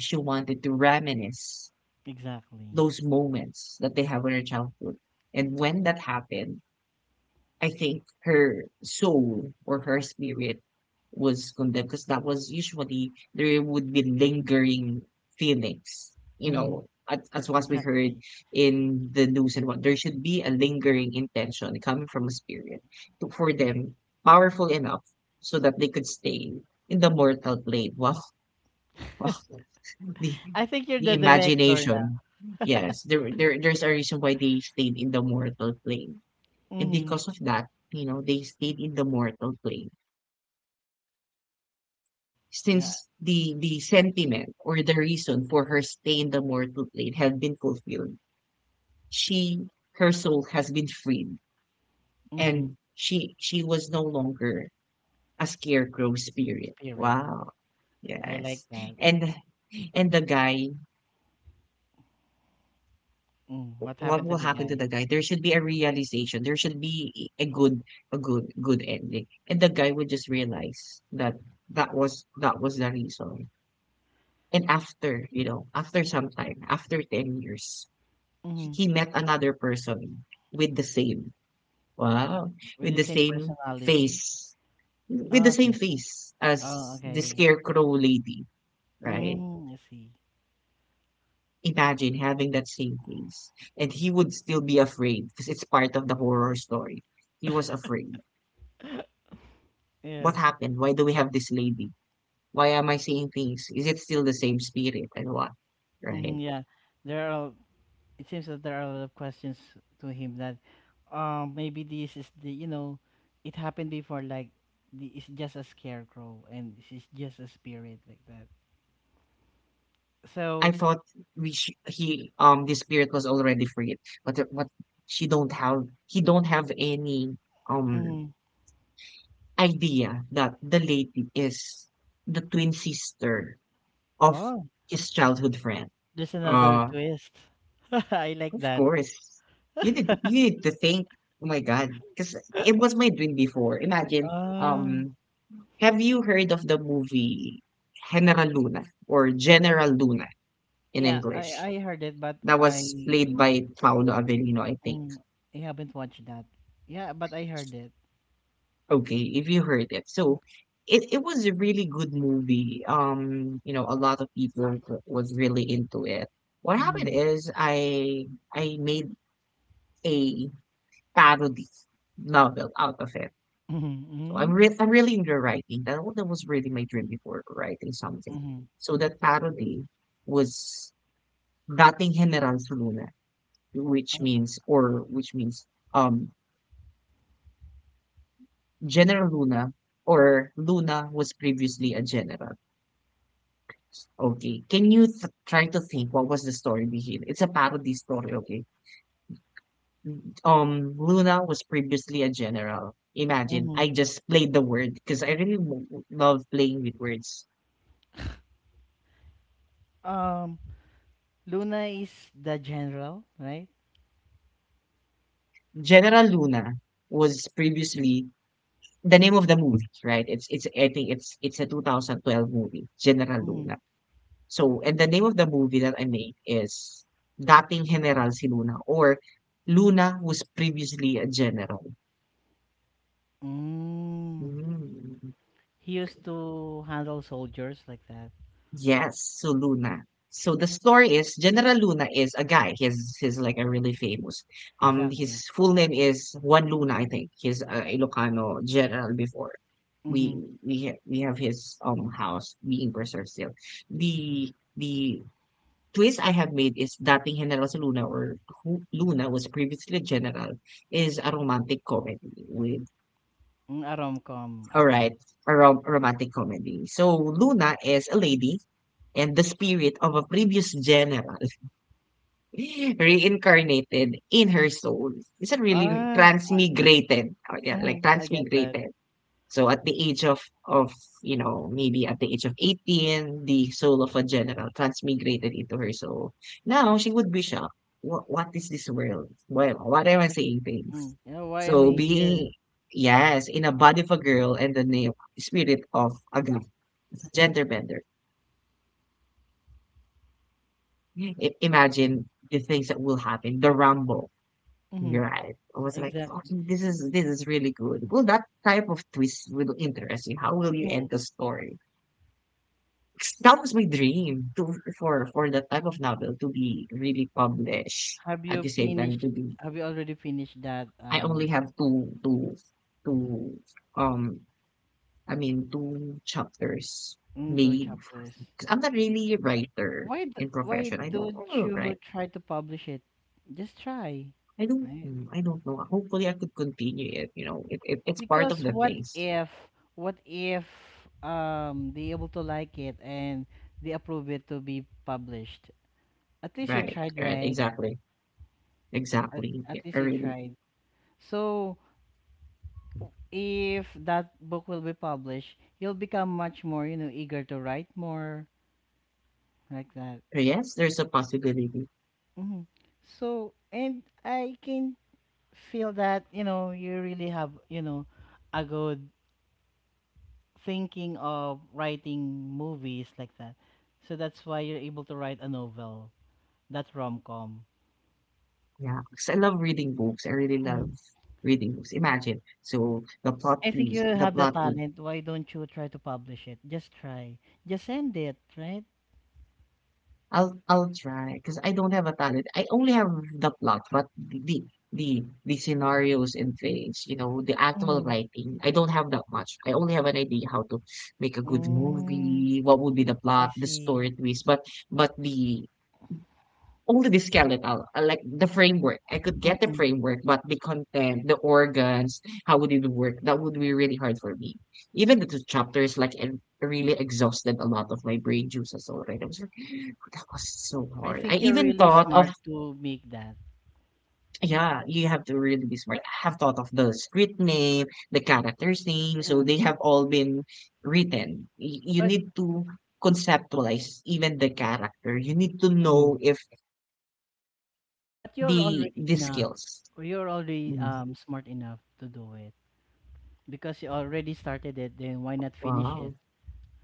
S1: she wanted to reminisce
S2: Exactly.
S1: those moments that they have in her childhood. And when that happened, I think her soul or her spirit was condemned because that was usually there would be lingering feelings, you
S2: Mhm,
S1: know. As was we heard
S2: exactly.
S1: in the news and what there should be a lingering intention coming from a spirit for them powerful enough so that they could stay in the mortal plane. Wow, wow. The,
S2: I think you're
S1: the
S2: the director now.
S1: imagination. Yes, there's a reason why they stayed in the mortal plane, and
S2: Mhm.
S1: because of that, you know, they stayed in the mortal plane.
S2: Yeah.
S1: Since the sentiment or the reason for her stay in the mortal plane had been fulfilled, she her soul has been freed, and
S2: Mhm.
S1: she was no longer a scarecrow spirit.
S2: Spirit.
S1: Wow.
S2: I like
S1: Yes.
S2: that.
S1: And and the guy
S2: Mm. What
S1: what
S2: happened to
S1: will
S2: the
S1: happen to
S2: guy?
S1: the guy there should be a realization there should be a good good ending and the guy would just realize that that was the reason and after you know after some time after 10 years
S2: Mhm.
S1: he met another person with the same wow
S2: With
S1: with
S2: the
S1: the
S2: same
S1: same
S2: personality?
S1: face with the
S2: Oh,
S1: same
S2: same thing.
S1: face
S2: Oh,
S1: as the
S2: okay.
S1: scarecrow lady right.
S2: Mm, I see.
S1: Imagine having that same face. And he would still be afraid because it's part of the horror story. He was afraid. What
S2: Yes.
S1: happened? Why do we have this lady? Why am I seeing things? Is it still the same spirit and what?
S2: Mhm,
S1: Right.
S2: yeah. They're all, it seems that there are a lot of questions to him that um, maybe this is the, you know, it happened before, like the, it's just a scarecrow and she's just a spirit, like that.
S1: I
S2: So
S1: thought we sh- he the spirit was already freed, but what she don't have he don't have any um
S2: mhm.
S1: idea that the lady is the twin sister of
S2: Oh,
S1: his childhood friend.
S2: there's another
S1: Uh
S2: twist. I like
S1: Of
S2: that.
S1: course. You need to think, oh my God, because it was my dream before. Imagine,
S2: Uh,
S1: um, have you heard of the movie General Luna or General Luna in
S2: yeah, i
S1: English?
S2: i heard it but
S1: That was
S2: I,
S1: played by Paolo Avellino, I think.
S2: mm, I haven't watched that. Yeah, but I heard it.
S1: Okay, if you heard it. So it was a really good movie. You know, a lot of people was really into it. What happened
S2: Mm-hmm.
S1: is I made a parody novel out of it. So
S2: Mm-hmm.
S1: I'm really into writing. That was really my dream before, writing something.
S2: Mm-hmm.
S1: So that parody was Dating General si Luna, which means or which means um General Luna or Luna was previously a general. Okay. Can you th try to think what was the story behind? It's a parody story, okay? Luna was previously a general. Imagine,
S2: Mm-hmm.
S1: I just played the word because I really love playing with words.
S2: Um, Luna is the general, right?
S1: General Luna was previously the name of the movie, right? It's I think it's a 2012 movie, General Luna. So, and the name of the movie that I made is Dating General si Luna or Luna was previously a general.
S2: Mm.
S1: Mm.
S2: He used to handle soldiers, like that.
S1: Yes, so Luna. So the story is General Luna is a guy. He's like a really famous.
S2: Exactly.
S1: His full name is Juan Luna, I think. He's a Ilocano general before.
S2: Mm-hmm.
S1: We have his house being preserved still. The twist I have made is Dating General si Luna or who Luna was previously a general is a romantic comedy with
S2: Mm, a rom-com.
S1: all right
S2: Okay.
S1: a romantic comedy. So Luna is a lady and the spirit of a previous general reincarnated in her soul. It's a really
S2: Ah, I,
S1: transmigrated. Oh, yeah, like
S2: mm, I get that.
S1: transmigrated. So at the age of of you know maybe at the age of 18, the soul of a general transmigrated into her soul. Now she would be shocked. What is this world? Well, what am I saying things?
S2: Mm. You know, why am
S1: So
S2: I here?
S1: being yes in a body of a girl and the name spirit of a guy, it's a gender bender. Imagine the things that will happen. The rumble.
S2: Mm-hmm.
S1: You're right. I was like,
S2: Exactly.
S1: fucking, this is really good. Will that type of twist will interest you? How will you
S2: Hmm.
S1: end the story? That was my dream to for that type of novel to be really published
S2: Have
S1: at the
S2: you
S1: same time
S2: finished?
S1: to be.
S2: Have you already finished that?
S1: I only have two um I mean two chapters
S2: Mm, two
S1: made.
S2: chapters.
S1: 'Cause I'm not really a writer
S2: Why?
S1: in
S2: Why
S1: profession.
S2: don't
S1: I do
S2: you
S1: write.
S2: try to publish it? Just try.
S1: I don't,
S2: Right?
S1: I don't know. Hopefully I could continue it. You know, it it's part of
S2: Because
S1: the
S2: what
S1: things.
S2: if, what if um, they able to like it and they approve it to be published? At least you
S1: Right.
S2: tried,
S1: Right.
S2: right?
S1: Exactly.
S2: At,
S1: Exactly.
S2: at
S1: I
S2: least you
S1: really,
S2: tried. So if that book will be published, you'll become much more, you know, eager to write more, like that.
S1: yes, there's a possibility.
S2: Hmm. So and I can feel that, you know, you really have, you know, a good thinking of writing movies like that. So that's why you're able to write a novel, that rom-com.
S1: Yeah, 'cause I love reading books. I really love
S2: Mhm.
S1: reading books. Imagine, so the plot
S2: I think you
S1: twist, the
S2: have the
S1: plot would.
S2: talent. Why don't you try to publish it? Just try. Just send it, right?
S1: I'll try because I don't have a talent. I only have the plot, but the scenarios and things, you know, the actual
S2: Mm-hmm.
S1: writing. I don't have that much. I only have an idea how to make a good
S2: Mm,
S1: movie, what would be the
S2: I
S1: plot, the
S2: see.
S1: story twist, but the only the skeletal, like the framework. I could get the
S2: Mm-mm.
S1: framework, but the content, the organs, how would it work? That would be really hard for me. Even the two chapters, like, it really exhausted a lot of my brain juices already. I was like, that was so
S2: I
S1: hard. I
S2: think you're
S1: even
S2: really
S1: thought
S2: smart
S1: of,
S2: to make that.
S1: yeah, you have to really be smart. I have thought of the street name, the character's name, so
S2: Mm.
S1: they have all been written. You
S2: But
S1: need to conceptualize even the character. You need to
S2: mm,
S1: know if
S2: but you're
S1: the
S2: already
S1: the
S2: enough.
S1: skills.
S2: Or You're already
S1: Mm,
S2: smart enough to do it because you already started it. Then why not finish it,
S1: wow.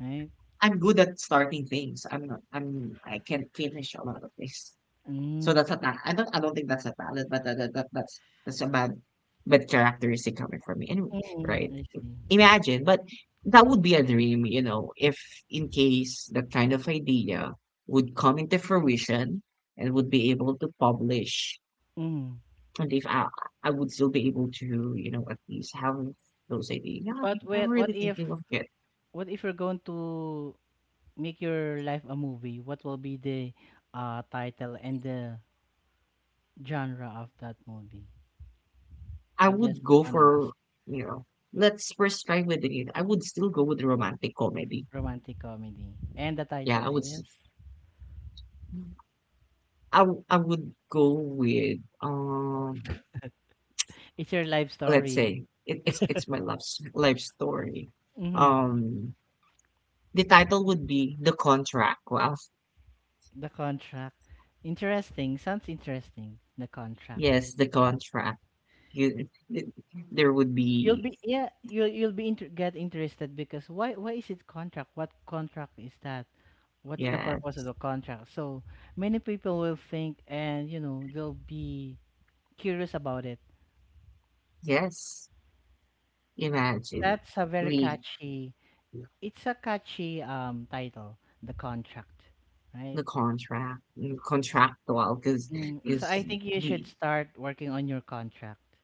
S2: right?
S1: I'm good at starting things. I'm not, I'm, I can't finish a lot of things. So
S2: Mm.
S1: that's a I don't think that's a talent, but that's a bad, bad characteristic coming from me anyway,
S2: Mm,
S1: right?
S2: I see.
S1: Imagine, but that would be a dream, you know, if in case that kind of idea would come into fruition and would be able to publish,
S2: Mm.
S1: and if I, I would still be able to, you know, at least have those ideas. Yeah,
S2: But
S1: I'm
S2: what
S1: really
S2: if,
S1: thinking of it.
S2: what if you're going to make your life a movie? What will be the title and the genre of that movie?
S1: I
S2: I just
S1: would go
S2: wanna
S1: for,
S2: ask.
S1: you know, let's first try with it. I would still go with romantic comedy.
S2: Romantic comedy. And the
S1: Yeah, I
S2: title
S1: would,
S2: is
S1: I would go with,
S2: It's Your Life
S1: let's
S2: Story.
S1: say it, it's my love, life story.
S2: Mm,
S1: Um, the title would be The Contract. Wow.
S2: the contract. Interesting. Sounds interesting. The contract.
S1: Yes, The Contract. You, th- there would
S2: You'll
S1: be,
S2: be, yeah, you'll be get interested because why is it contract? What contract is that? What's the purpose
S1: yes,
S2: of the contract? So many people will think and you know they'll be curious about it.
S1: yes, imagine.
S2: That's a very
S1: We,
S2: catchy. It's a catchy title, the contract, right?
S1: the contract, mm, contractual,
S2: Mm, so I
S1: because
S2: think you should
S1: the.
S2: start working on your contract.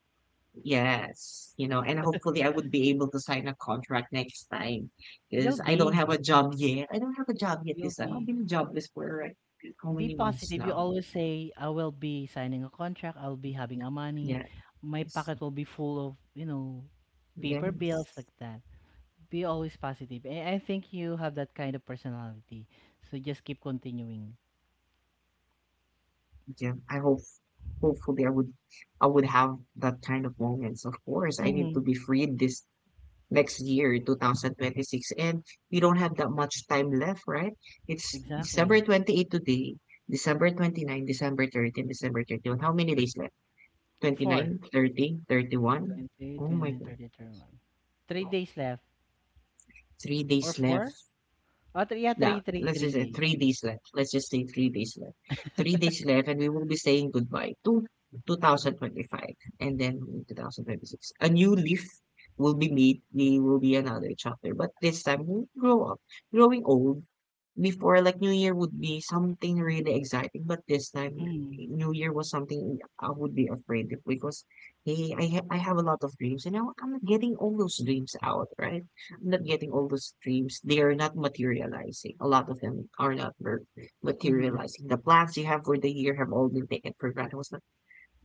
S1: Yes, you know, and hopefully I would be able to sign a contract next time,
S2: You'll
S1: cause I don't
S2: be,
S1: have a job yet. I don't have a job yet
S2: you'll
S1: this time. I've
S2: be.
S1: been jobless for, like, how
S2: Be
S1: many months
S2: positive. You
S1: now?
S2: always say, I will be signing a contract, I'll be having a money,
S1: Yes.
S2: my pocket will be full of, you know, paper bills, like
S1: Yes.
S2: that. Be always positive. I think you have that kind of personality. So just keep continuing.
S1: Yeah, I hope hopefully I would have that kind of moments. Of course, I need to
S2: Mm-hmm.
S1: be freed this next year, 2026, and we don't have that much time left, right? It's December
S2: Exactly.
S1: 28 today, December 29, December 30, December 31. How many days left? twenty
S2: Four.
S1: nine, 30, 31.
S2: 28,
S1: Oh my
S2: 29,
S1: God.
S2: 30, 31. 3 days left.
S1: Three
S2: Or
S1: days
S2: four?
S1: left.
S2: Oh, three, yeah, three,
S1: No,
S2: three,
S1: let's
S2: three
S1: just say
S2: days.
S1: three days left. Let's just say three days left. Three days left, and we will be saying goodbye to 2025 and then 2026. A new leaf will be made. We will be another chapter. But this time, we'll grow up. Growing old. Before, like, New Year would be something really exciting, but this time
S2: Mm-hmm.
S1: New Year was something I would be afraid of because hey, I have a lot of dreams and now I'm not getting all those dreams out, right? I'm not getting all those dreams. They are not materializing. A lot of them are not
S2: Mm-hmm.
S1: materializing. The plans you have for the year have all been taken for granted. Was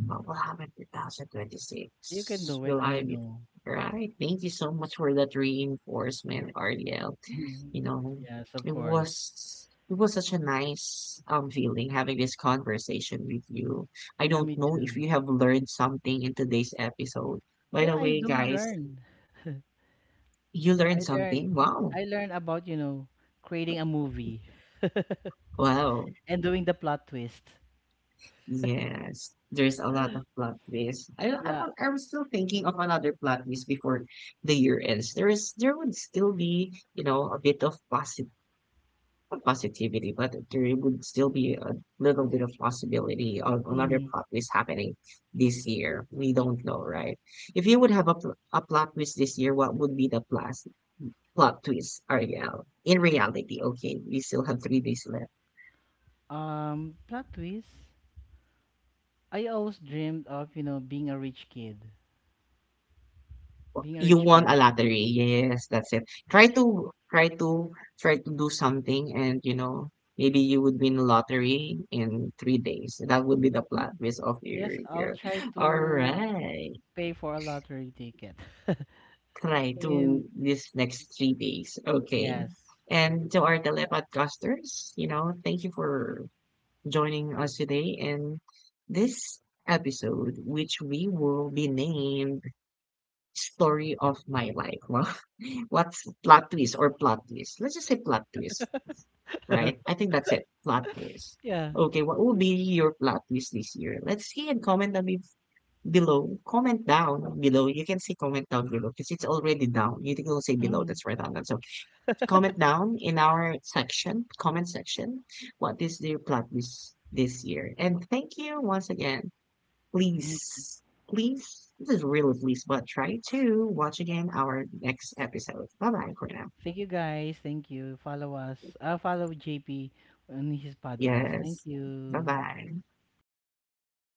S1: what will happen in 2026?
S2: You can do it,
S1: Will
S2: I
S1: I be
S2: know.
S1: right? Thank you so much for that reinforcement, RDL.
S2: Mhm.
S1: You know,
S2: Yes, of
S1: it
S2: course.
S1: was it was such a nice feeling having this conversation with you. I
S2: Yeah,
S1: don't
S2: me
S1: know
S2: too.
S1: if you have learned something in today's episode. By
S2: Yeah,
S1: the
S2: I
S1: way,
S2: do
S1: guys,
S2: learn.
S1: you learned
S2: I learn
S1: something. Wow.
S2: I learn about, you know, creating a movie,
S1: Wow.
S2: and doing the plot twist.
S1: Yes, there's a lot of plot twists.
S2: Yeah.
S1: I was still thinking of another plot twist before the year ends. There is there would still be, you know, a bit of posit, not positivity, but there would still be a little bit of possibility of another
S2: Mhm.
S1: plot twist happening this year. We don't know, right? If you would have a, pl a plot twist this year, what would be the plot twist, Ariel? In reality, okay, we still have three days left.
S2: Plot twist. I always dreamed of, you know, being a rich kid, being a
S1: You
S2: rich
S1: won a
S2: person.
S1: lottery. Yes, that's it. Try to try to Try to do something and you know, maybe you would win the lottery in three days. That would be the plot
S2: Mm,
S1: twist of your
S2: yes, I'll
S1: year.
S2: try
S1: All
S2: to
S1: right.
S2: pay for a lottery ticket.
S1: Try
S2: And
S1: to this next three days. Okay.
S2: yes.
S1: And to our telepodcasters, you know, thank you for joining us today in this episode, which we will be named Story of My Life. Wow. What's plot twist or plot twist? Let's just say plot twist, right? I think that's it. Plot twist.
S2: Yeah.
S1: Okay, what will be your plot twist this year? Let's see and comment down below. Comment down below. You can see comment down below because it's already down. You think will say below.
S2: Mm,
S1: That's right on that. So comment down in our section, comment section. What is your plot twist this year? And thank you once again.
S2: mm.
S1: Please, please, this is really please, but try to watch again our next episode. Bye bye for now.
S2: Thank you, guys. Thank you. Follow us. Follow JP on his podcast.
S1: Yes.
S2: Thank
S1: Bye
S2: you.
S1: bye.